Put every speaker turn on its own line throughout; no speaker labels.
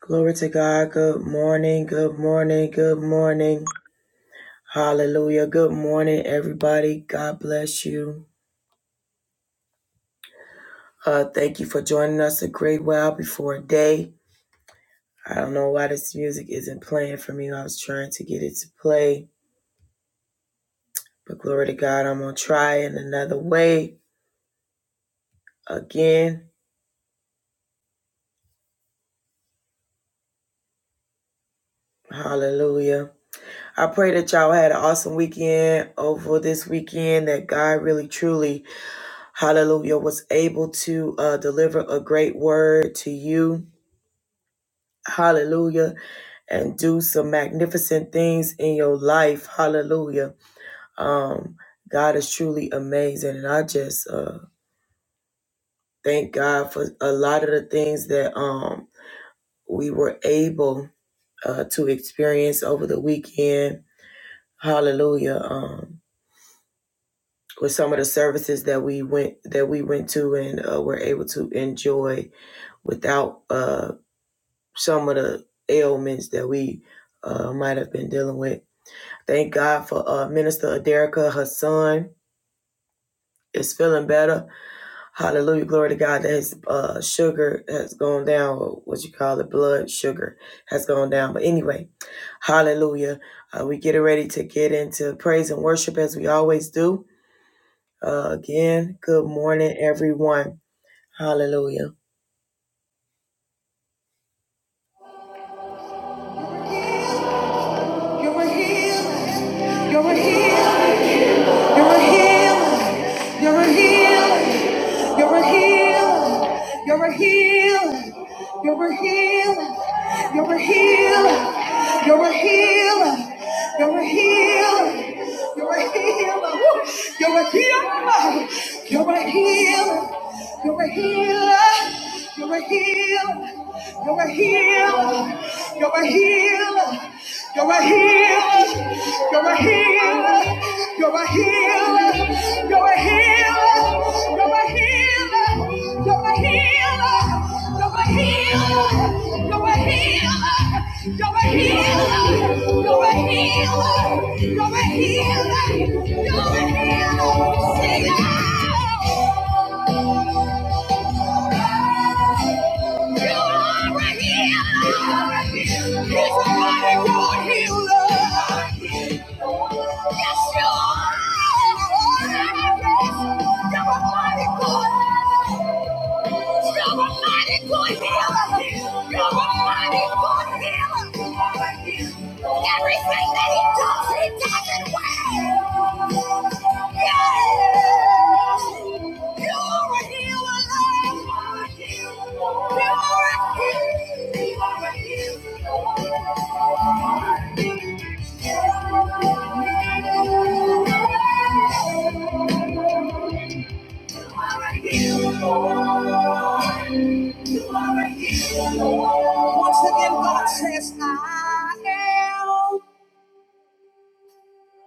Glory to God. Good morning. Good morning. Good morning. Hallelujah. Good morning, everybody. God bless you. Uh, thank you for joining us a great while before day. I don't know why this music isn't playing for me. I was trying to get it to play, but glory to God, I'm gonna try in another way again. Hallelujah. I pray that y'all had an awesome weekend over this weekend, that God really truly, hallelujah, was able to uh, deliver a great word to you. Hallelujah. And do some magnificent things in your life. Hallelujah. Um, God is truly amazing. And I just uh, thank God for a lot of the things that um, we were able uh, to experience over the weekend. Hallelujah. Um, with some of the services that we went that we went to and uh, were able to enjoy without uh, some of the ailments that we uh, might have been dealing with. Thank God for uh, Minister Aderica, her son is feeling better. Hallelujah, glory to God that his uh, sugar has gone down, or what you call it, blood sugar has gone down. But anyway, hallelujah. Uh, we get ready to get into praise and worship as we always do. Uh, again, good morning, everyone. Hallelujah. You're a healer. You're a healer. You're a healer. You're a healer. You're a healer. You're a healer. You're a healer. You're a healer. You're a healer. You're a healer. You're a healer. Woo! You're a healer. You're a healer. You're a healer. You're a healer. You're a healer. You're a healer. You're a healer. You're a healer. You're a healer. You're a healer. You're a healer. You're a healer. You're a healer. You're a healer. You're a healer. You're a healer. You're a healer. You're a healer. Sing out. Good healer. You're a mighty good healer. Everything that he does, he does it well. Yes. You are a healer, Lord. You are a healer. You are a healer. You are a healer. You are a healer. Once again, God says, I am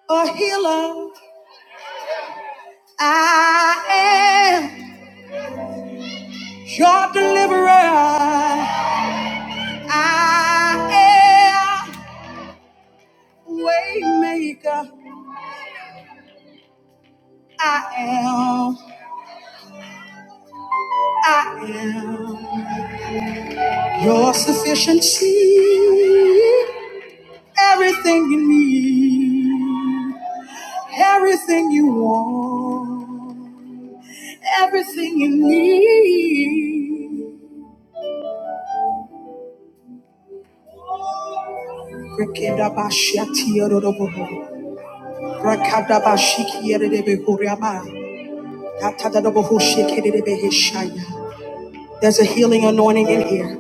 a healer. I am your deliverer. I am waymaker. I am. I am your sufficiency. Everything you need. Everything you want. Everything you need. Rekeda bashia tiyo dodobo. Rakada bashiki yere debe kuriama. There's a healing anointing in here.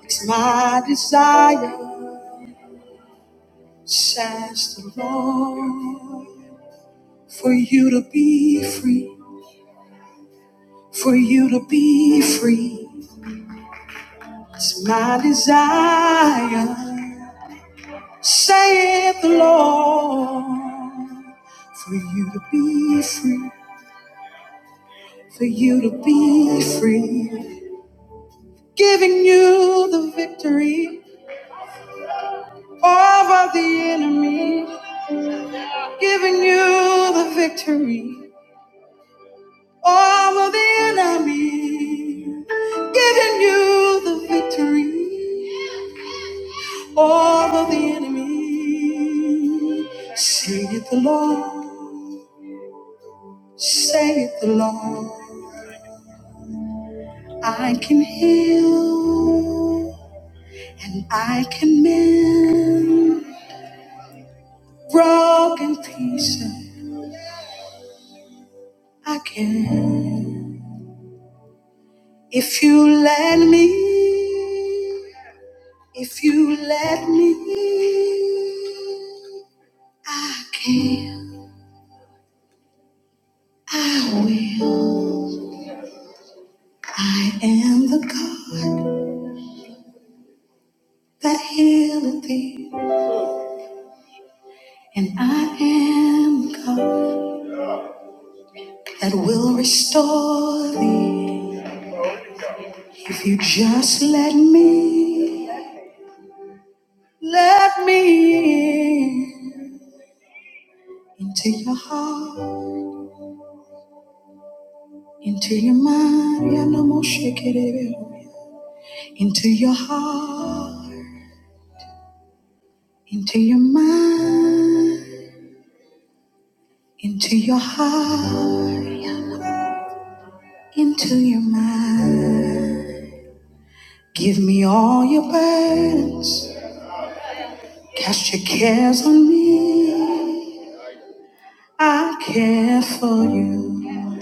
It's my desire, says the Lord, for you to be free, for you to be free. It's my desire. saith the Lord. For you to be free, for you to be free, giving you the victory over the enemy, giving you the victory over the enemy, giving you the victory over the enemy. Say it the Lord, say it the Lord. I can heal and I can mend broken pieces. I can. If you let me, if you let me, I can, I will. I am the God that healeth thee, and I am the God that will restore thee. If you just let me. Let me in. into your heart, into your mind, yeah, no more shake it, baby. into your heart, into your mind, into your heart, into your mind. Give me all your burdens, cast your cares on me. I care for you,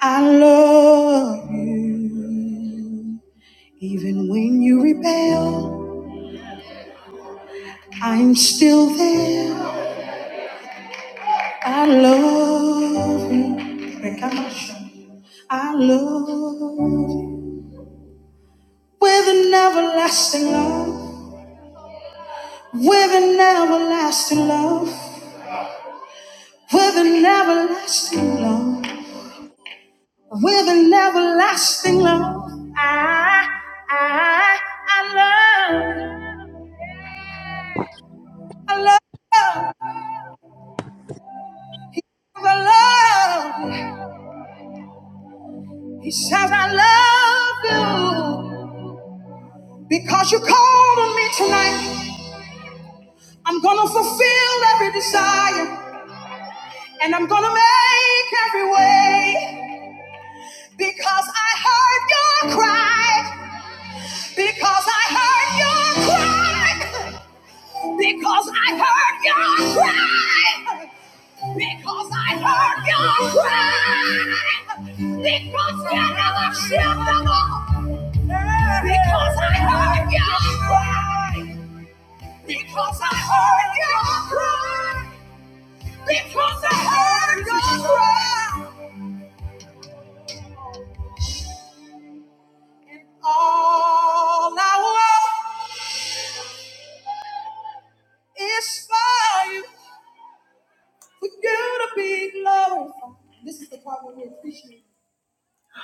I love you, even when you rebel. I'm still there. I love you. I love you. With an everlasting love. With an everlasting love. With an everlasting love. With an everlasting love. I, I, I love you. I love you. I love you. He says, I love you. Because you called on me tonight. I'm gonna fulfill every desire and I'm gonna make every way because I heard your cry. Because I heard your cry. Because I heard your cry. Because I heard your cry. Because you're never shall Because I heard your cry. Because I heard your cry. Because I heard your cry. All I want is for you, for you to be glorified. This is the part where we appreciate.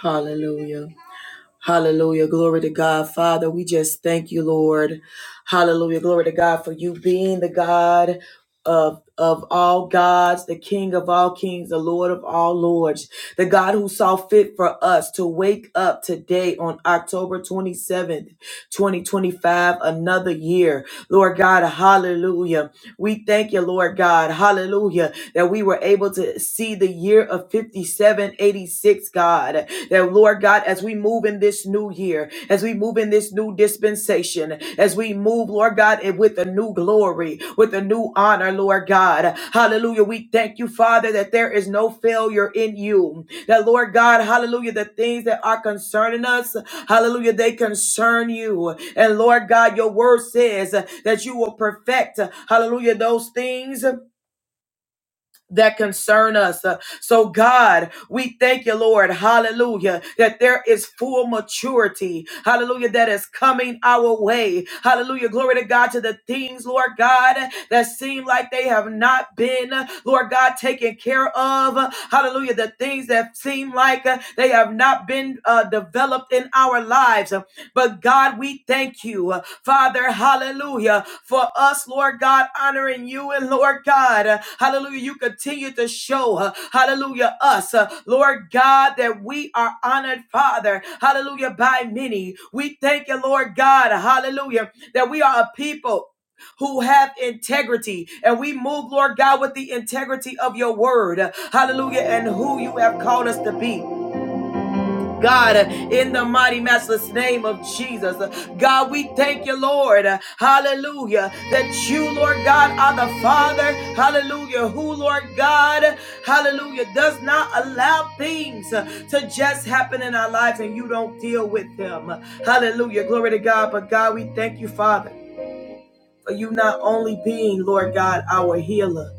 Hallelujah. Hallelujah. Glory to God. Father, we just thank you, Lord. Hallelujah. Glory to God for you being the God of, of all gods, the King of all kings, the Lord of all lords, the God who saw fit for us to wake up today on October 27th. 2025, another year. Lord God, hallelujah. We thank you, Lord God, hallelujah, that we were able to see the year of 5786, God. That, Lord God, as we move in this new year, as we move in this new dispensation, as we move, Lord God, and with with a new glory, with a new honor, Lord God. Hallelujah. We thank you, Father, that there is no failure in you. That, Lord God, hallelujah, the things that are concerning us, hallelujah, they concern you. And, Lord God, your word says that you will perfect, hallelujah, those things that concern us. Uh, So, God, we thank you, Lord, hallelujah, that there is full maturity, hallelujah, that is coming our way. Hallelujah, glory to God, to the things, Lord God, that seem like they have not been, Lord God, taken care of. Hallelujah, the things that seem like uh, they have not been uh, developed in our lives. But God, we thank you, uh, Father, hallelujah, for us, Lord God, honoring you and Lord God, uh, hallelujah, you continue to show, uh, hallelujah, us, uh, Lord God, that we are honored, Father, hallelujah, by many. We thank you, Lord God, hallelujah, that we are a people who have integrity and we move lord god with the integrity of your word hallelujah and who you have called us to be oh God, in the mighty matchless name of Jesus. God, we thank you, Lord. Hallelujah. That you, Lord God, are the Father. Hallelujah. Who, Lord God, hallelujah, does not allow things to just happen in our life and you don't deal with them. Hallelujah. Glory to God. But God, we thank you, Father. For you not only being, Lord God, our healer,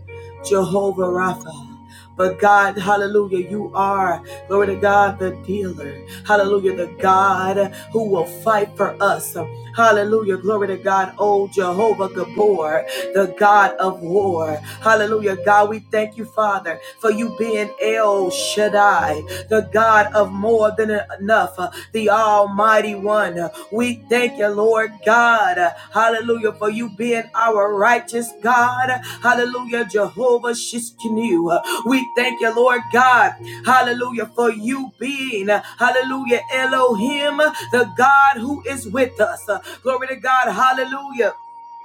Jehovah Rapha, but God, hallelujah, you are, glory to God, the dealer. Hallelujah, the God who will fight for us. Hallelujah, glory to God, oh Jehovah Gabor, the God of war. Hallelujah, God, we thank you, Father, for you being El Shaddai, the God of more than enough the Almighty One. We thank you, Lord God. Hallelujah, for you being our righteous God. Hallelujah, Jehovah Shiskinu. We thank you, Lord God. Hallelujah, for you being, hallelujah, Elohim, the God who is with us. Glory to God. Hallelujah.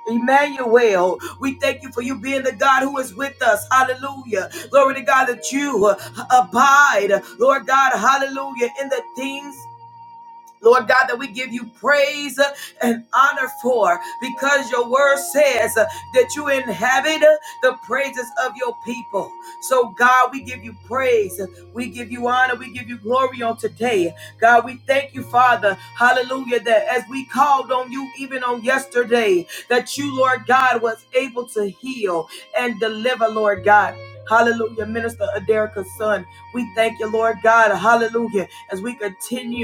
Emmanuel, we thank you for you being the God who is with us. Hallelujah. Glory to God that you uh, abide, Lord God, hallelujah, in the things Lord God, that we give you praise uh, and honor for because your word says uh, that you inhabit uh, the praises of your people. So, God, we give you praise. We give you honor. We give you glory on today. God, we thank you, Father, how that as we called on you even on yesterday, that you, Lord God, was able to heal and deliver, Lord God. Hallelujah, Minister. Hun. We thank you, Lord God. Hallelujah. As we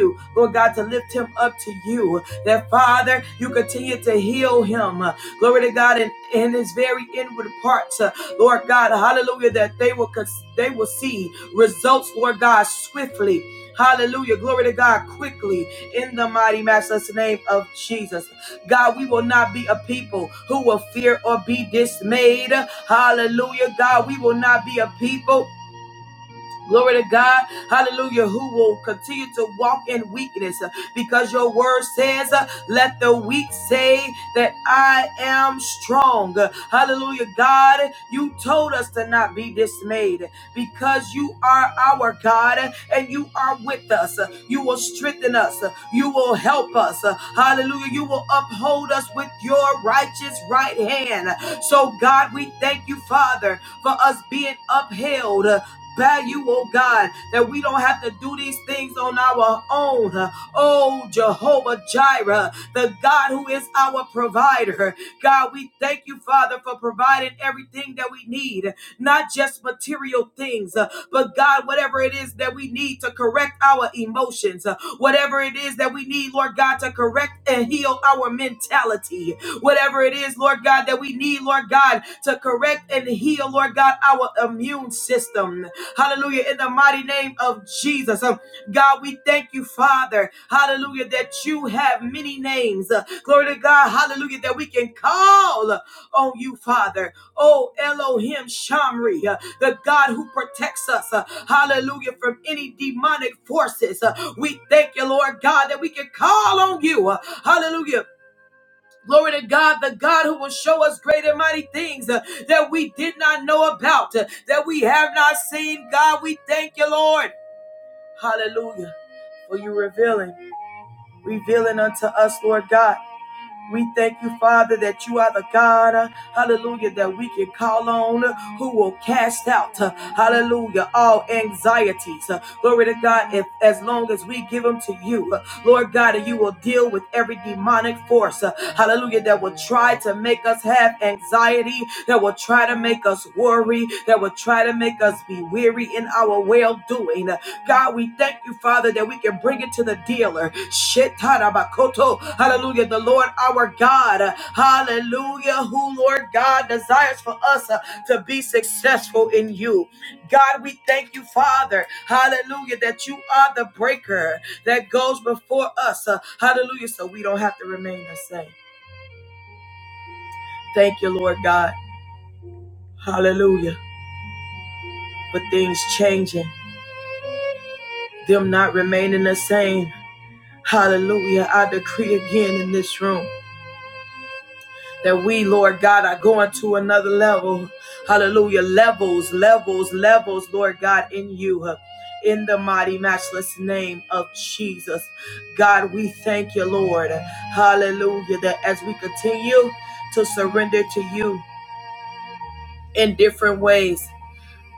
you, Lord God, to lift him up to you. That Father, you continue to heal him. Glory to God in, in his very inward parts. Uh, Lord God, hallelujah, that they will they will see results, Lord God, swiftly. Hallelujah. Glory to God quickly in the mighty master's name of Jesus. God, we will not be a people who will fear or be dismayed. Hallelujah. God, we will not be a people Glory to God. Hallelujah. Who will continue to walk in weakness uh, because your word says, uh, Let the weak say that I am strong. Uh, Hallelujah. God, you told us to not be dismayed because you are our God uh, and you are with us. Uh, You will strengthen us. Uh, You will help us. Uh, Hallelujah. You will uphold us with your righteous right hand. So, God, we thank you, Father, for us being upheld by you, oh God, that we don't have to do these things on our own. Oh, Jehovah Jireh, the God who is our provider. God, we thank you, Father, for providing everything that we need, not just material things, uh, but God, whatever it is that we need to correct our emotions, uh, whatever it is that we need, Lord God, to correct and heal our mentality whatever it is, Lord God, that we need, Lord God, to correct and heal, Lord God, our immune system. Hallelujah. In the mighty name of Jesus. Um, God, we thank you, Father. Hallelujah, that you have many names. Uh, Glory to God. Hallelujah, that we can call on you, Father. Oh, Elohim Shamri, uh, the God who protects us. uh, Hallelujah, from any demonic forces. Uh, We thank you, Lord God, that we can call on you. uh, Hallelujah Glory to God, the God who will show us great and mighty things uh, that we did not know about, uh, that we have not seen. God, we thank you, Lord. Hallelujah. For you revealing, revealing unto us, Lord God. We thank you, Father, that you are the God, uh, hallelujah, that we can call on, uh, who will cast out, uh, hallelujah, all anxieties. Uh, glory to God, if, as long as we give them to you, uh, Lord God, and you will deal with every demonic force, uh, hallelujah, that will try to make us have anxiety, that will try to make us worry, that will try to make us be weary in our well doing. God, we thank you, Father, that we can bring it to the dealer. Shetarabakoto. Hallelujah. The Lord our God. uh, Hallelujah. Who, Lord God, desires for us uh, to be successful in you. God, we thank you, Father. Hallelujah. That you are the breaker that goes before us. uh, Hallelujah. So we don't have to remain the same. Thank you, Lord God. Hallelujah. For things changing, them not remaining the same. Hallelujah. I decree again in this room. that we, Lord God, are going to another level. Hallelujah. Levels, levels, levels, Lord God, in you. In the mighty, matchless name of Jesus. God, we thank you, Lord. Hallelujah. That as we continue to surrender to you in different ways,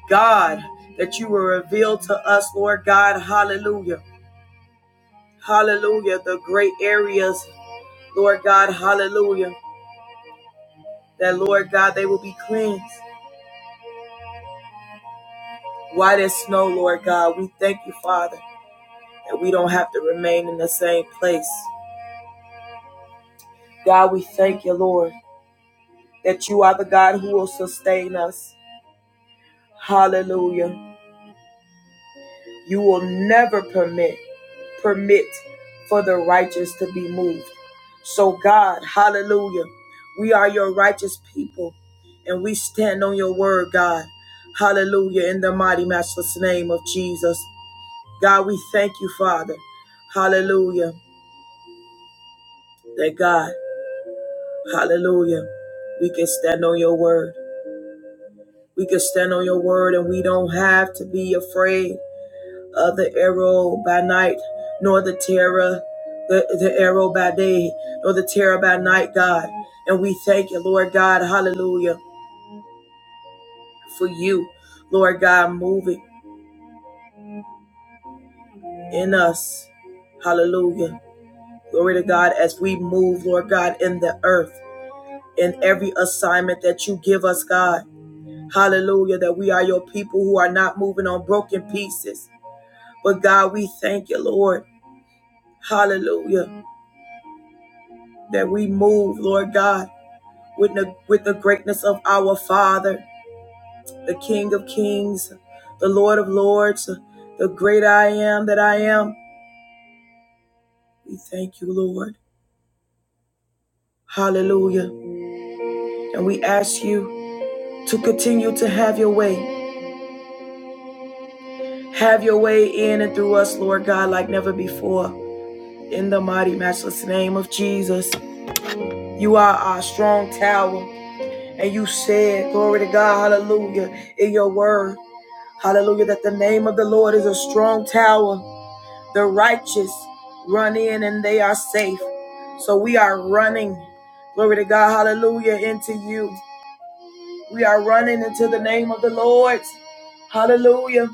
God, that you will reveal to us, Lord God. Hallelujah. Hallelujah. The great areas, Lord God. Hallelujah. That, Lord God, they will be cleansed. Why there's snow, Lord God, we thank you, Father, that we don't have to remain in the same place. God, we thank you, Lord, that you are the God who will sustain us. Hallelujah. You will never permit, permit for the righteous to be moved. So, God, hallelujah, we are your righteous people and we stand on your word, God. Hallelujah, in the mighty, matchless name of Jesus. God, we thank you, Father. Hallelujah, that God. Hallelujah. We can stand on your word. We can stand on your word and we don't have to be afraid of the arrow by night, nor the terror, the, the arrow by day, nor the terror by night, God. And we thank you, Lord God, hallelujah, for you, Lord God, moving in us. Hallelujah. Glory to God as we move, Lord God, in the earth, in every assignment that you give us, God. Hallelujah, that we are your people who are not moving on broken pieces. But God, we thank you, Lord. Hallelujah, that we move, Lord God, with the, with the greatness of our Father, the King of Kings, the Lord of Lords, the great I am that I am. We thank you, Lord. Hallelujah. And we ask you to continue to have your way. Have your way in and through us, Lord God, like never before. In the mighty, matchless name of Jesus. You are our strong tower. And you said, Glory to God, hallelujah, in your word, hallelujah, that the name of the Lord is a strong tower. The righteous run in and they are safe. So we are running, glory to God, hallelujah, into you. We are running into the name of the Lord, hallelujah.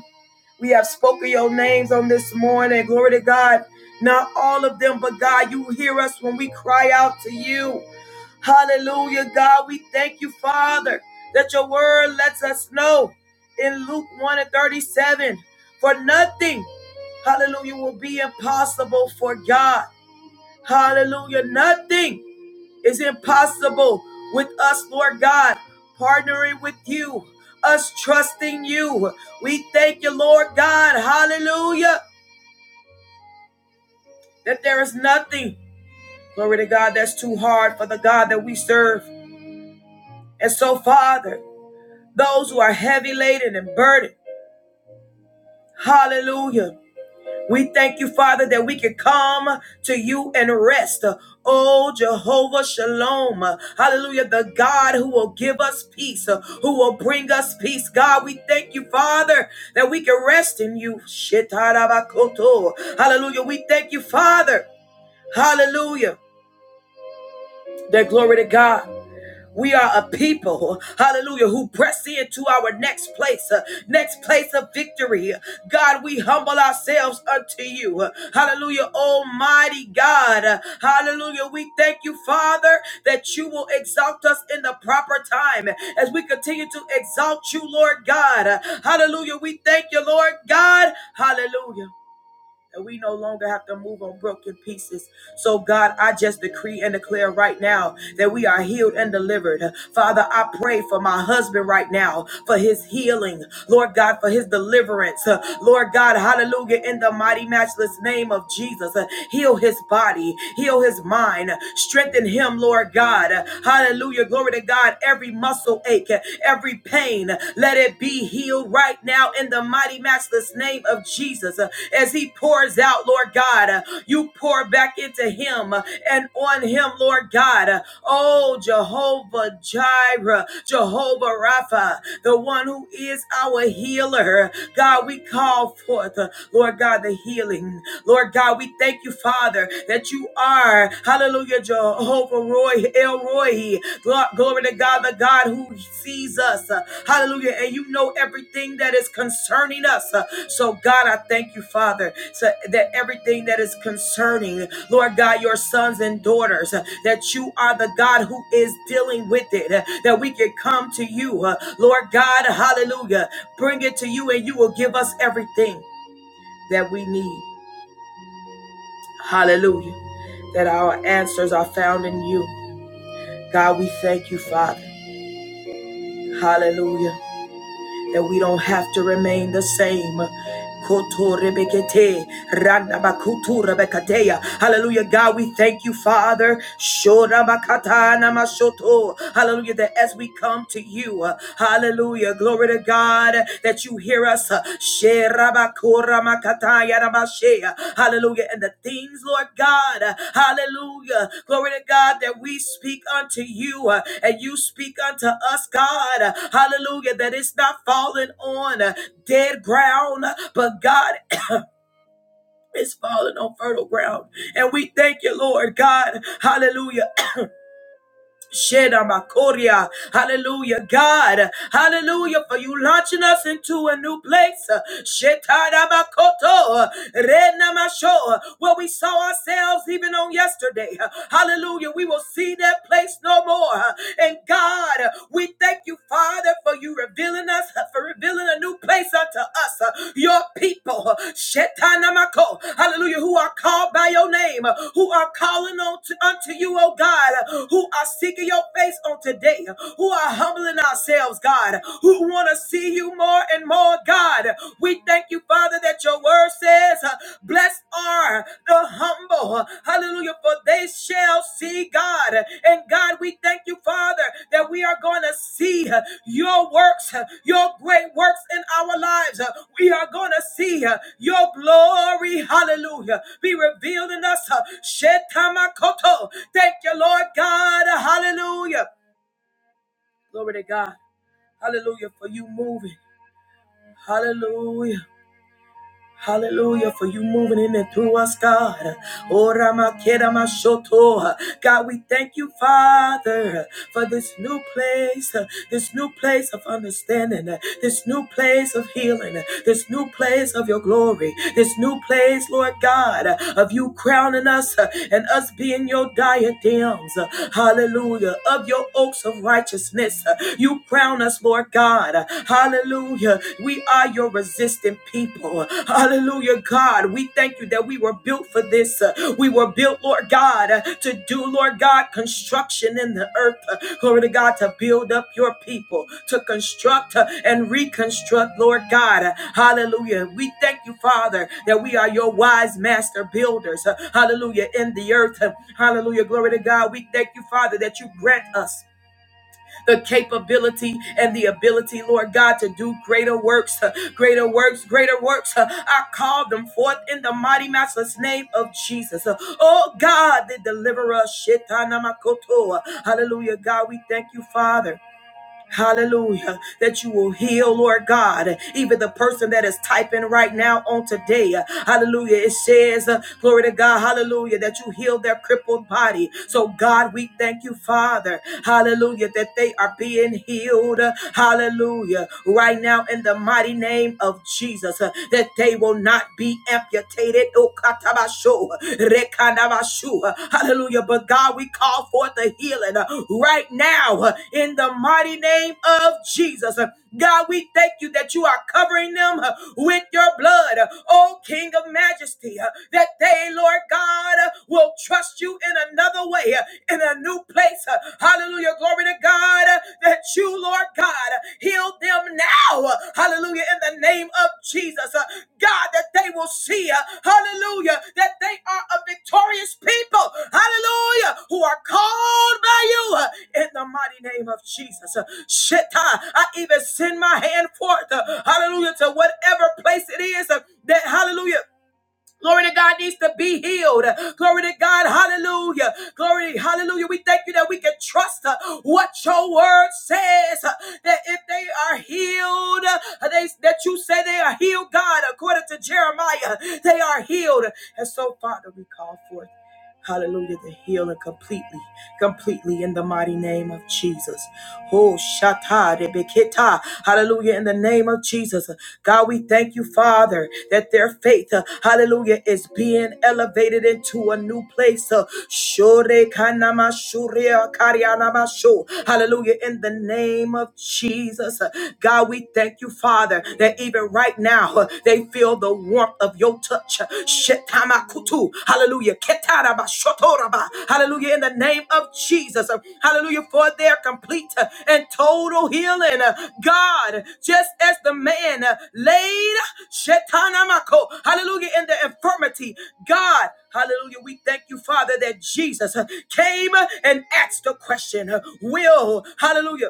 We have spoken your names on this morning, glory to God. Not all of them, but God, you hear us when we cry out to you. Hallelujah, God. We thank you, Father, that your word lets us know in Luke 1 and 37 for nothing, hallelujah, will be impossible for God. Hallelujah. Nothing is impossible with us, Lord God, partnering with you, us trusting you. We thank you, Lord God. Hallelujah. That there is nothing, glory to God, that's too hard for the God that we serve. And so, Father, those who are heavy laden and burdened. Hallelujah. We thank you, Father, that we can come to you and rest. Oh, Jehovah Shalom. Hallelujah. The God who will give us peace, who will bring us peace. God, we thank you, Father, that we can rest in you. Shetarabakoto. Hallelujah. We thank you, Father. Hallelujah. That glory to God. We are a people, hallelujah, who press into our next place, uh, next place of victory. God, we humble ourselves unto you. Uh, Hallelujah, Almighty God. Uh, Hallelujah, we thank you, Father, that you will exalt us in the proper time as we continue to exalt you, Lord God. Uh, Hallelujah, we thank you, Lord God. Hallelujah and we no longer have to move on broken pieces. So, God, I just decree and declare right now that we are healed and delivered. Father, I pray for my husband right now, for his healing. Lord God, for his deliverance. Uh, Lord God, hallelujah, in the mighty, matchless name of Jesus. Uh, Heal his body, heal his mind, strengthen him, Lord God. Uh, Hallelujah, glory to God. Every muscle ache, uh, every pain, pain, let it be healed right now in the mighty matchless name of Jesus. Uh, As he pours out, Lord God, uh, you pour back into him uh, and on him, Lord God. Uh, Oh, Jehovah Jireh, Jehovah Rapha, the one who is our healer. God, we call forth, uh, Lord God, the healing. Lord God, we thank you, Father, that you are, hallelujah Hallelujah, Jehovah Roy, El Roy. Glory to God, the God who sees us. Uh, Hallelujah. And you know everything that is concerning us. Uh, So, God, I thank you, Father, so that everything that is concerning, Lord God, your sons and daughters, uh, that you are the God who is dealing with it, uh, that we can come to you. uh, Lord God, hallelujah. Bring it to you, and you will give us everything that we need. Hallelujah. That our answers are found in you. God, we thank you, Father. Hallelujah. That we don't have to remain the same. Hallelujah. God, we thank you, Father. Hallelujah. That as we come to you, uh, hallelujah. Glory to God that you hear us. Ramakataya Rabashea. Hallelujah. And the things, Lord God, hallelujah. Glory to God that we speak unto you uh, and you speak unto us, God. Hallelujah. That it's not falling on uh, dead ground, but God is falling on fertile ground. And we thank you, Lord God. Hallelujah. Shedamakoria. Hallelujah, God. Hallelujah, for you launching us into a new place. Shetadabakoto. Renamasho. Where we saw ourselves even on yesterday. Hallelujah, we will see that place no more. And God, we thank you, Father, for you revealing us, for revealing a new a new place unto us, uh, your people. uh, Shetanamako, hallelujah, who are called by your name, uh, who are calling on to, unto you, oh God, uh, who are seeking your face on today, uh, who are humbling ourselves, God, uh, who want to see you more and more, God. We thank you, Father, that your word says, uh, blessed are the humble. Hallelujah. For they shall see God. And God, we thank you, Father, that we are going to see uh, your works, uh, your great works in our lives. Uh, We are going to see uh, your glory. Hallelujah. Be revealed in us. Uh, Shetamakoto. Thank you, Lord God. Hallelujah. Glory to God. Hallelujah. For you moving. Hallelujah. Hallelujah, for you moving in and through us, God. Oh, Ramakeda Mashoto. God, we thank you, Father, for this new place, this new place of understanding, this new place of healing, this new place of your glory, this new place, Lord God, of you crowning us and us being your diadems. Hallelujah, of your oaks of righteousness. You crown us, Lord God. Hallelujah. We are your resistant people. Hallelujah, God. We thank you that we were built for this. Uh, We were built, Lord God, uh, to do, Lord God, construction in the earth. Uh, Glory to God, to build up your people, to construct uh, and reconstruct, Lord God. Uh, Hallelujah. We thank you, Father, that we are your wise master builders. Uh, Hallelujah, in the earth. Uh, Hallelujah. Glory to God. We thank you, Father, that you grant us the capability and the ability, Lord God, to do greater works, uh, greater works, greater works. uh, I call them forth in the mighty master's name of Jesus. Uh, Oh God, the deliverer, Shetana Makoto. Hallelujah, God, we thank you, Father. Hallelujah. That you will heal, Lord God, even the person that is typing right now on today. Hallelujah. It says, uh, glory to God, hallelujah, that you heal their crippled body. So, God, we thank you, Father. Hallelujah, that they are being healed. Hallelujah. Right now, in the mighty name of Jesus, uh, that they will not be amputated katabashu, rekanabashu. Hallelujah. But God, we call forth the healing uh, right now uh, in the mighty name of Jesus. Uh, God, we thank you that you are covering them uh, with your blood, uh, oh King of Majesty, uh, that they, Lord God, uh, will trust you in another way, uh, in a new place. uh, Hallelujah. Glory to God uh, that you, Lord God, uh, heal them now. uh, Hallelujah. In the name of Jesus. uh, God, that they will see, uh, hallelujah, that they are a victorious people, hallelujah, who are called by you uh, in the mighty name of Jesus. Uh, Shit, uh, I even send my hand forth, uh, hallelujah, to whatever place it is uh, that, hallelujah, Glory to God needs to be healed. Glory to God. Hallelujah. Glory. Hallelujah. We thank you that we can trust uh, what your word says. uh, That if they are healed, uh, they, that you say they are healed, God, according to Jeremiah, they are healed. And so, Father, we call forth. Hallelujah, the healer completely, completely in the mighty name of Jesus. Oh, shata rebeketa. Hallelujah. In the name of Jesus. God, we thank you, Father, that their faith, uh, hallelujah, is being elevated into a new place. uh, Shore kanama shuria karianama sho. Hallelujah. In the name of Jesus. Uh, God, we thank you, Father, that even right now uh, they feel the warmth of your touch. Shetamakutu. Hallelujah. Ketaraba, shotoraba. Hallelujah. In the name of Jesus. Uh, Hallelujah. For their complete uh, and total healing. Uh, God, just as the man uh, laid Shetanamako. Hallelujah. In the infirmity. God, hallelujah. We thank you, Father, that Jesus uh, came uh, and asked the question, uh, will, hallelujah.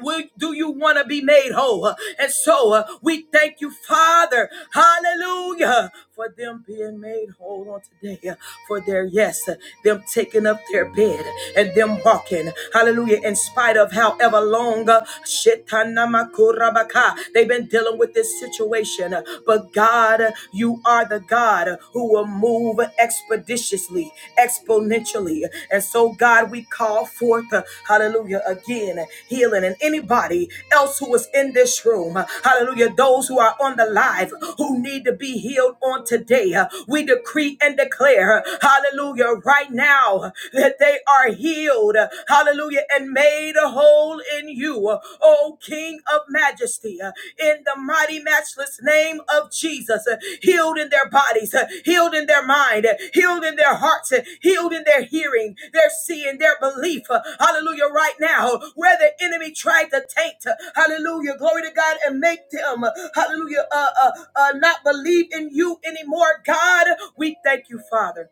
Will, do you want to be made whole? Uh, And so uh, we thank you, Father, hallelujah, for them being made whole on today, uh, for their yes, uh, them taking up their bed and them walking, hallelujah, in spite of however long uh, shetanakurabaka, they've been dealing with this situation. uh, But God, uh, you are the God uh, who will move move expeditiously, exponentially. And so, God, we call forth, uh, hallelujah, again, healing. And anybody else who is in this room, uh, hallelujah, those who are on the live who need to be healed on today, uh, we decree and declare, uh, hallelujah, right now uh, that they are healed, uh, hallelujah, and made whole in you. Uh, Oh, King of majesty, uh, in the mighty, matchless name of Jesus, uh, healed in their bodies, uh, healed in their mind, uh, healed in their hearts, uh, healed in their hearing, their seeing, their belief. uh, Hallelujah. Right now, uh, where the enemy tried to taint, uh, hallelujah, glory to God, and make them, uh, hallelujah, uh, uh, uh, not believe in you anymore. God, we thank you, Father.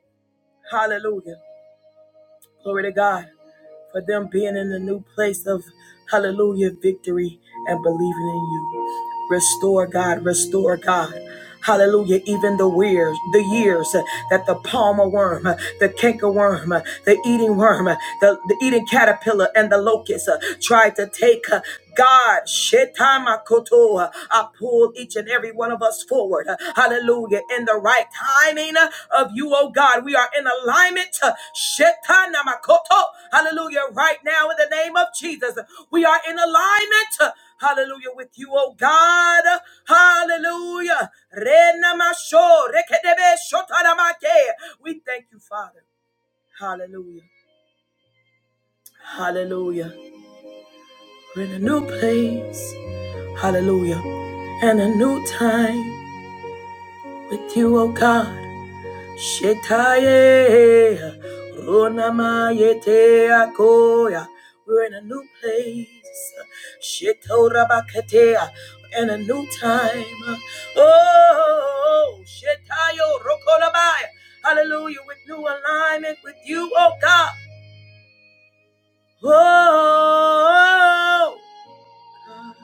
Hallelujah. Glory to God for them being in a new place of hallelujah victory and believing in you. Restore, God, restore, God. Hallelujah. Even the years, the years uh, that the palmer worm, uh, the cankerworm, uh, the eating worm, uh, the, the eating caterpillar, and the locust uh, tried to take uh, God, Shetamakoto, uh, I pull each and every one of us forward. uh, Hallelujah. In the right timing uh, of you, oh God. We are in alignment. uh, Shetanamakoto. Hallelujah. Right now, in the name of Jesus, we are in alignment. Hallelujah, with you, oh God. Hallelujah. We thank you, Father. Hallelujah. Hallelujah. We're in a new place. Hallelujah. And a new time with you, oh God. Shetaye, Ronamayete Akoya. We're in a new place. Shetorabakatea, in a new time. Oh, Shetayo Rokolabaya. Hallelujah, with new alignment with you, oh God. Oh, God,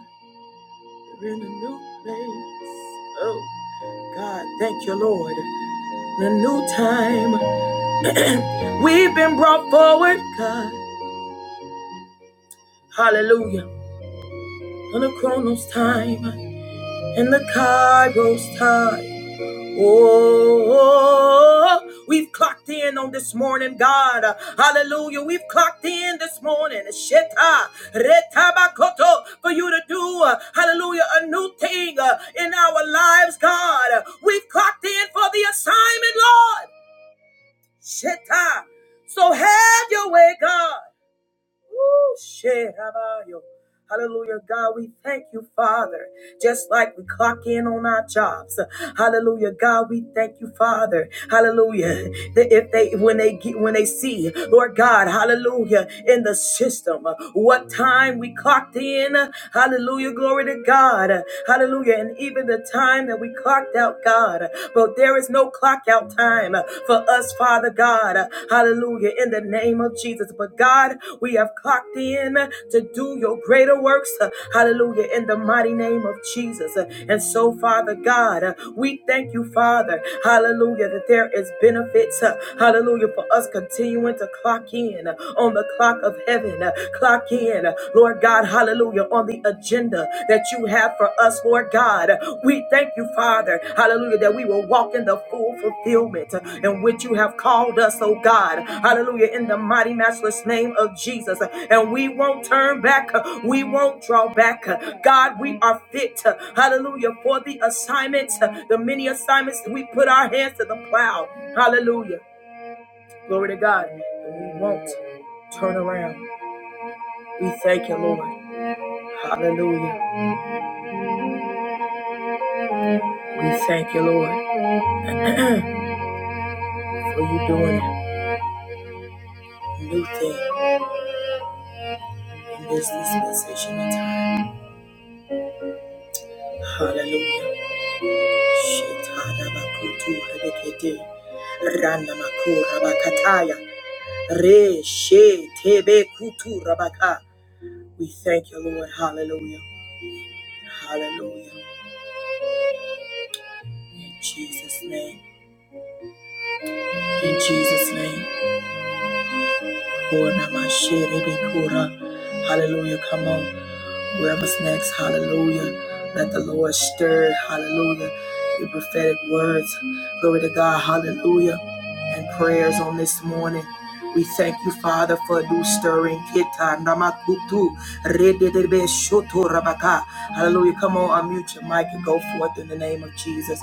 we're in a new place. Oh, God, thank you, Lord. In a new time, we've been brought forward, God. Hallelujah. On the Chronos time and the Kairos time. Oh, we've clocked in on this morning, God. Hallelujah. We've clocked in this morning. Sheta, retabakoto, for you to do, uh, hallelujah, a new thing uh, in our lives, God. We've clocked in for the assignment, Lord. Sheta. So have your way, God. Woo, shit, how about you? Hallelujah, God, we thank you, Father. Just like we clock in on our jobs. Hallelujah, God, we thank you, Father. Hallelujah. That if they when they get when they see, Lord God, hallelujah, in the system, what time we clocked in, hallelujah, glory to God. Hallelujah. And even the time that we clocked out, God. But there is no clock out time uh, for us, Father God. Uh, Hallelujah. In the name of Jesus. But God, we have clocked in uh, to do your greater works. uh, Hallelujah. In the mighty name of Jesus. Uh, And so, Father God, uh, we thank you, Father. Hallelujah. That there is benefits. uh, Hallelujah. For us continuing to clock in uh, on the clock of heaven. uh, Clock in, uh, Lord God. Hallelujah. On the agenda that you have for us, Lord God. We thank you, Father, hallelujah, that we will walk in the full fulfillment in which you have called us, oh God, hallelujah, in the mighty, matchless name of Jesus. And we won't turn back, we won't draw back. God, we are fit, hallelujah, for the assignments, the many assignments we put our hands to the plow, hallelujah. Glory to God. And we won't turn around. We thank you, Lord. Hallelujah. We thank you, Lord. for you doing a new thing in this dispensation of time. Hallelujah. Shetana rebekete. Randa makura Re she tebe kutu rabaka. We thank you, Lord. Hallelujah. Hallelujah. In Jesus' name. In Jesus' name. Hallelujah. Come on. Whoever's next, hallelujah. Let the Lord stir, hallelujah. Your prophetic words, glory to God, hallelujah. And prayers on this morning. We thank you, Father, for a new stirring. Kita namakutu rededebe shoto rabaka. Hallelujah. Come on, unmute your mic and go forth in the name of Jesus.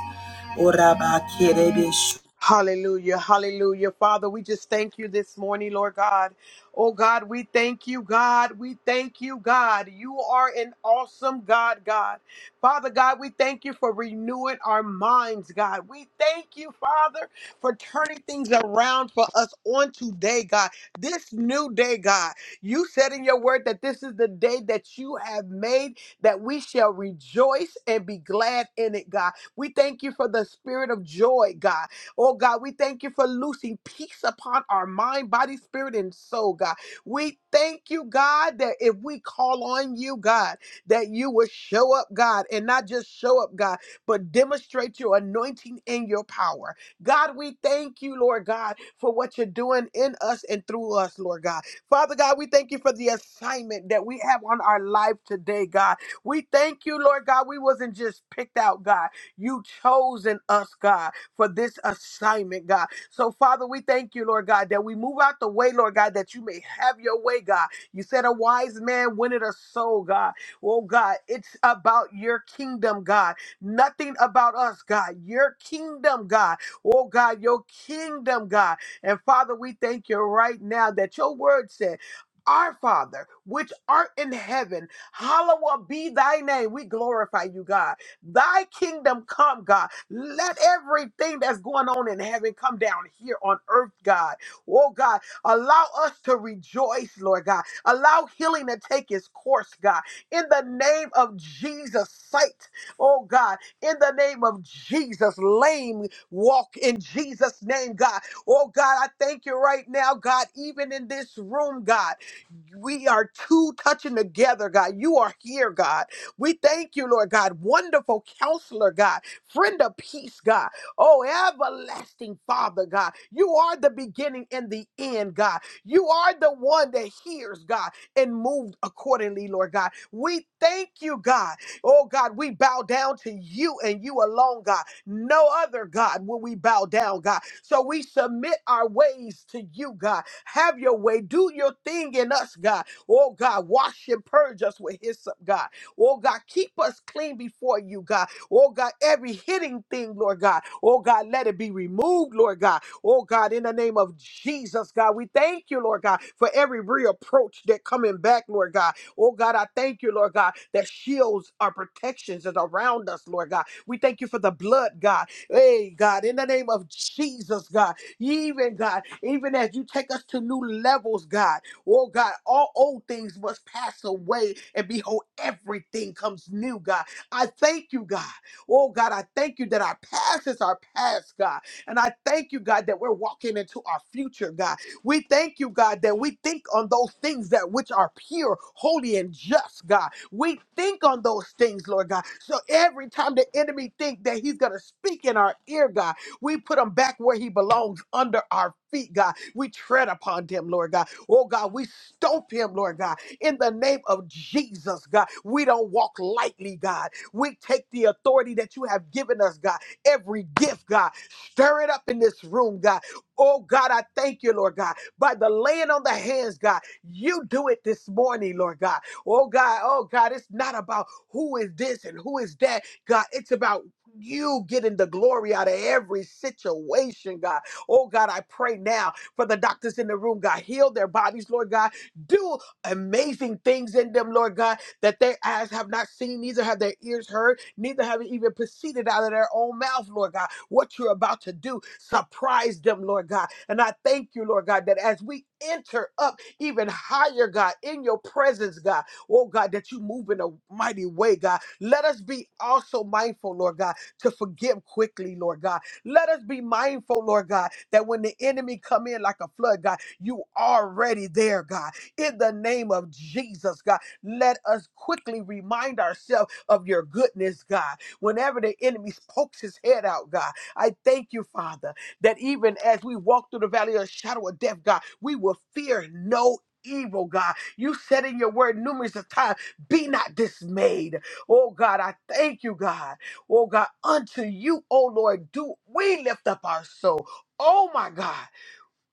Orabakerebe sh-
Hallelujah. Hallelujah. Father, we just thank you this morning, Lord God. Oh God, we thank you, God. We thank you, God. You are an awesome God, God. Father God, we thank you for renewing our minds, God. We thank you, Father, for turning things around for us on today, God. This new day, God. You said in your word that this is the day that you have made, that we shall rejoice and be glad in it, God. We thank you for the spirit of joy, God. Oh God, we thank you for loosing peace upon our mind, body, spirit, and soul, God. We thank you, God, that if we call on you, God, that you will show up, God, and not just show up, God, but demonstrate your anointing and your power. God, we thank you, Lord God, for what you're doing in us and through us, Lord God. Father God, we thank you for the assignment that we have on our life today, God. We thank you, Lord God. We wasn't just picked out, God. You chosen us, God for this assignment, God. So, Father, we thank you, Lord God, that we move out the way, Lord God, that you may have your way, God. You said a wise man winneth a soul, God. Oh, God, it's about your kingdom, God. Nothing about us, God. Your kingdom, God. Oh, God, your kingdom, God. And, Father, we thank you right now that your word said, our Father, which art in heaven, hallowed be thy name. We glorify you, God. Thy kingdom come, God. Let everything that's going on in heaven come down here on earth, God. Oh, God, allow us to rejoice, Lord God. Allow healing to take its course, God. In the name of Jesus, sight, oh, God. In the name of Jesus, lame walk in Jesus' name, God. Oh, God, I thank you right now, God, even in this room, God we are two touching together, God. You are here, God. We thank you, Lord God. Wonderful counselor, God. Friend of peace, God. Oh, everlasting Father, God. You are the beginning and the end, God. You are the one that hears, God, and moved accordingly, Lord God. We thank you, God. Oh, God, we bow down to you and you alone, God. No other, God, will we bow down, God. So we submit our ways to you, God have your way. Do your thing in us, God. Oh, God, wash and purge us with hyssop, God. Oh, God, keep us clean before you, God. Oh, God, every hidden thing, Lord God. Oh, God, let it be removed, Lord God. Oh, God, in the name of Jesus, God, we thank you, Lord God, for every reapproach that coming back, Lord God. Oh, God, I thank you, Lord God, that shields our protections is around us, Lord God. We thank you for the blood, God. Hey, God, in the name of Jesus, God. Even God, even as you take us to new levels, God, oh God, all old things must pass away, and behold, everything comes new, God. I thank you, God. Oh God, I thank you that our past is our past, God. And I thank you, God, that we're walking into our future, God. We thank you, God, that we think on those things that which are pure, holy, and just, God. We think on those things, Lord God. So every time the enemy think that he's gonna speak in our ear, God. We put him back where he belongs under our feet, God. We tread upon him, Lord God. Oh, God, we stope him, Lord God. In the name of Jesus, God, we don't walk lightly, God. We take the authority that you have given us, God. Every gift, God, stir it up in this room, God. Oh, God, I thank you, Lord God. By the laying on the hands, God, you do it this morning, Lord God. Oh, God, oh, God, it's not about who is this and who is that, God. It's about you getting the glory out of every situation, God. Oh, God, I pray now for the doctors in the room, God. Heal their bodies, Lord God. Do amazing things in them, Lord God, that their eyes have not seen, neither have their ears heard, neither have it even proceeded out of their own mouth, Lord God. What you're about to do, surprise them, Lord God. And I thank you, Lord God, that as we enter up even higher, God, in your presence, God, oh God, that you move in a mighty way, God. Let us be also mindful, Lord God to forgive quickly, Lord God. Let us be mindful, Lord God, that when the enemy come in like a flood, God, you already there, God. In the name of Jesus, God, let us quickly remind ourselves of your goodness, God. Whenever the enemy pokes his head out, God, I thank you, Father, that even as we walk through the valley of the shadow of death, God, we will fear no evil, God. You said in your word numerous of times, be not dismayed. Oh God, I thank you, God. Oh God, unto you, oh Lord, do we lift up our soul. Oh my God.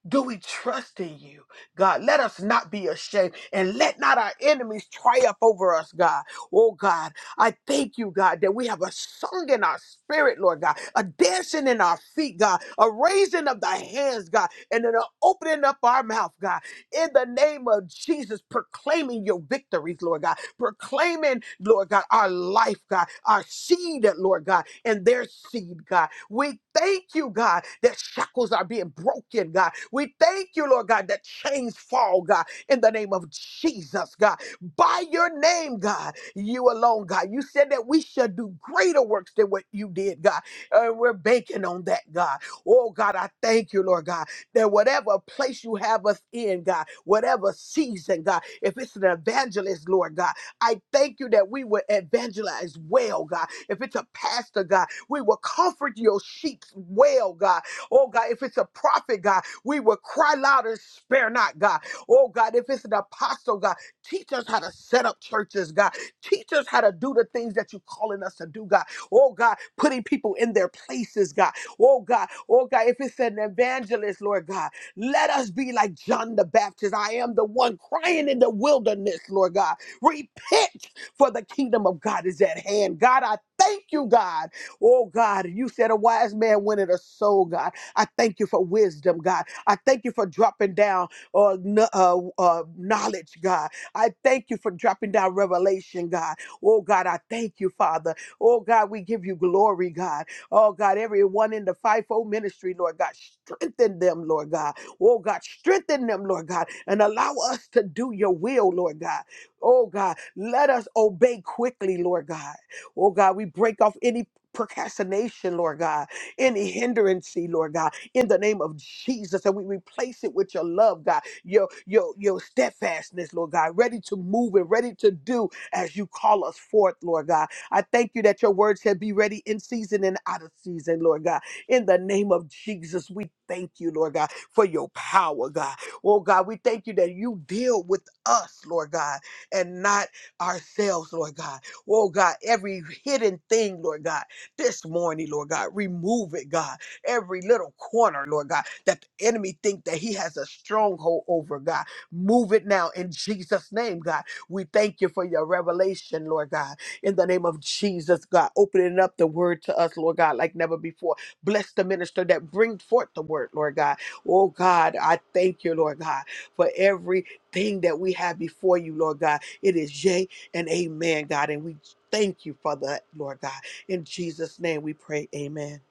Do we trust in you, God? Let us not be ashamed and let not our enemies triumph over us, God. Oh, God, I thank you, God, that we have a song in our spirit, Lord God, a dancing in our feet, God, a raising of thy hands, God, and then an opening up our mouth, God, in the name of Jesus, proclaiming your victories, Lord God, proclaiming, Lord God, our life, God, our seed, Lord God, and their seed, God. We thank you, God, that shackles are being broken, God. We thank you, Lord God, that chains fall, God, in the name of Jesus, God. By your name, God, you alone, God. You said that we shall do greater works than what you did, God. And we're banking on that, God. Oh, God, I thank you, Lord God, that whatever place you have us in, God, whatever season, God, if it's an evangelist, Lord God, I thank you that we will evangelize well, God. If it's a pastor, God, we will comfort your sheep well, God. Oh, God, if it's a prophet, God, we will cry loud and spare not, God. Oh, God, if it's an apostle, God, teach us how to set up churches, God. Teach us how to do the things that you're calling us to do, God. Oh, God, putting people in their places, God. Oh, God. Oh, God, if it's an evangelist, Lord God, let us be like John the Baptist. I am the one crying in the wilderness, Lord God. Repent, for the kingdom of God is at hand. God, I thank you, God. Oh God, you said a wise man wanted a soul, God. I thank you for wisdom, God. I thank you for dropping down uh, kn- uh, uh, knowledge, God. I thank you for dropping down revelation, God. Oh God, I thank you, Father. Oh God, we give you glory, God. Oh God, everyone in the fivefold ministry, Lord God, strengthen them, Lord God. Oh God, strengthen them, Lord God, and allow us to do your will, Lord God. Oh God, let us obey quickly, Lord God. Oh God, we break off any procrastination, Lord God, any hindrance, Lord God, in the name of Jesus. And we replace it with your love, God, your your your steadfastness, Lord God, ready to move and ready to do as you call us forth, Lord God. I thank you that your word said be ready in season and out of season, Lord God. In the name of Jesus, we thank you, Lord God, for your power, God. Oh God, we thank you that you deal with us, Lord God, and not ourselves, Lord God. Oh God, every hidden thing, Lord God this morning, Lord God. Remove it, God. Every little corner, Lord God, that the enemy think that he has a stronghold over, God. Move it now in Jesus' name, God. We thank you for your revelation, Lord God. In the name of Jesus, God, opening up the word to us, Lord God, like never before. Bless the minister that bring forth the word, Lord God. Oh God, I thank you, Lord God, for everything that we have before you, Lord God. It is yea and amen, God. And we thank you for that, Lord God. In Jesus' name we pray. Amen.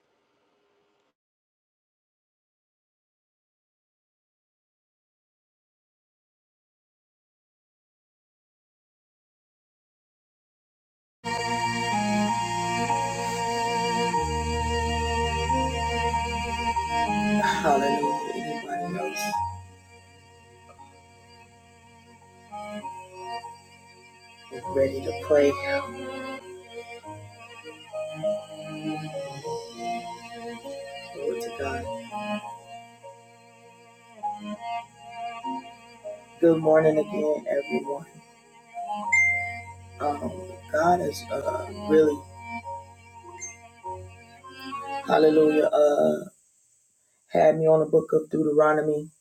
Hallelujah. Anybody else is ready to pray? Glory to God. Good morning again, everyone. Um, God is uh, really, hallelujah, uh, had me on the book of Deuteronomy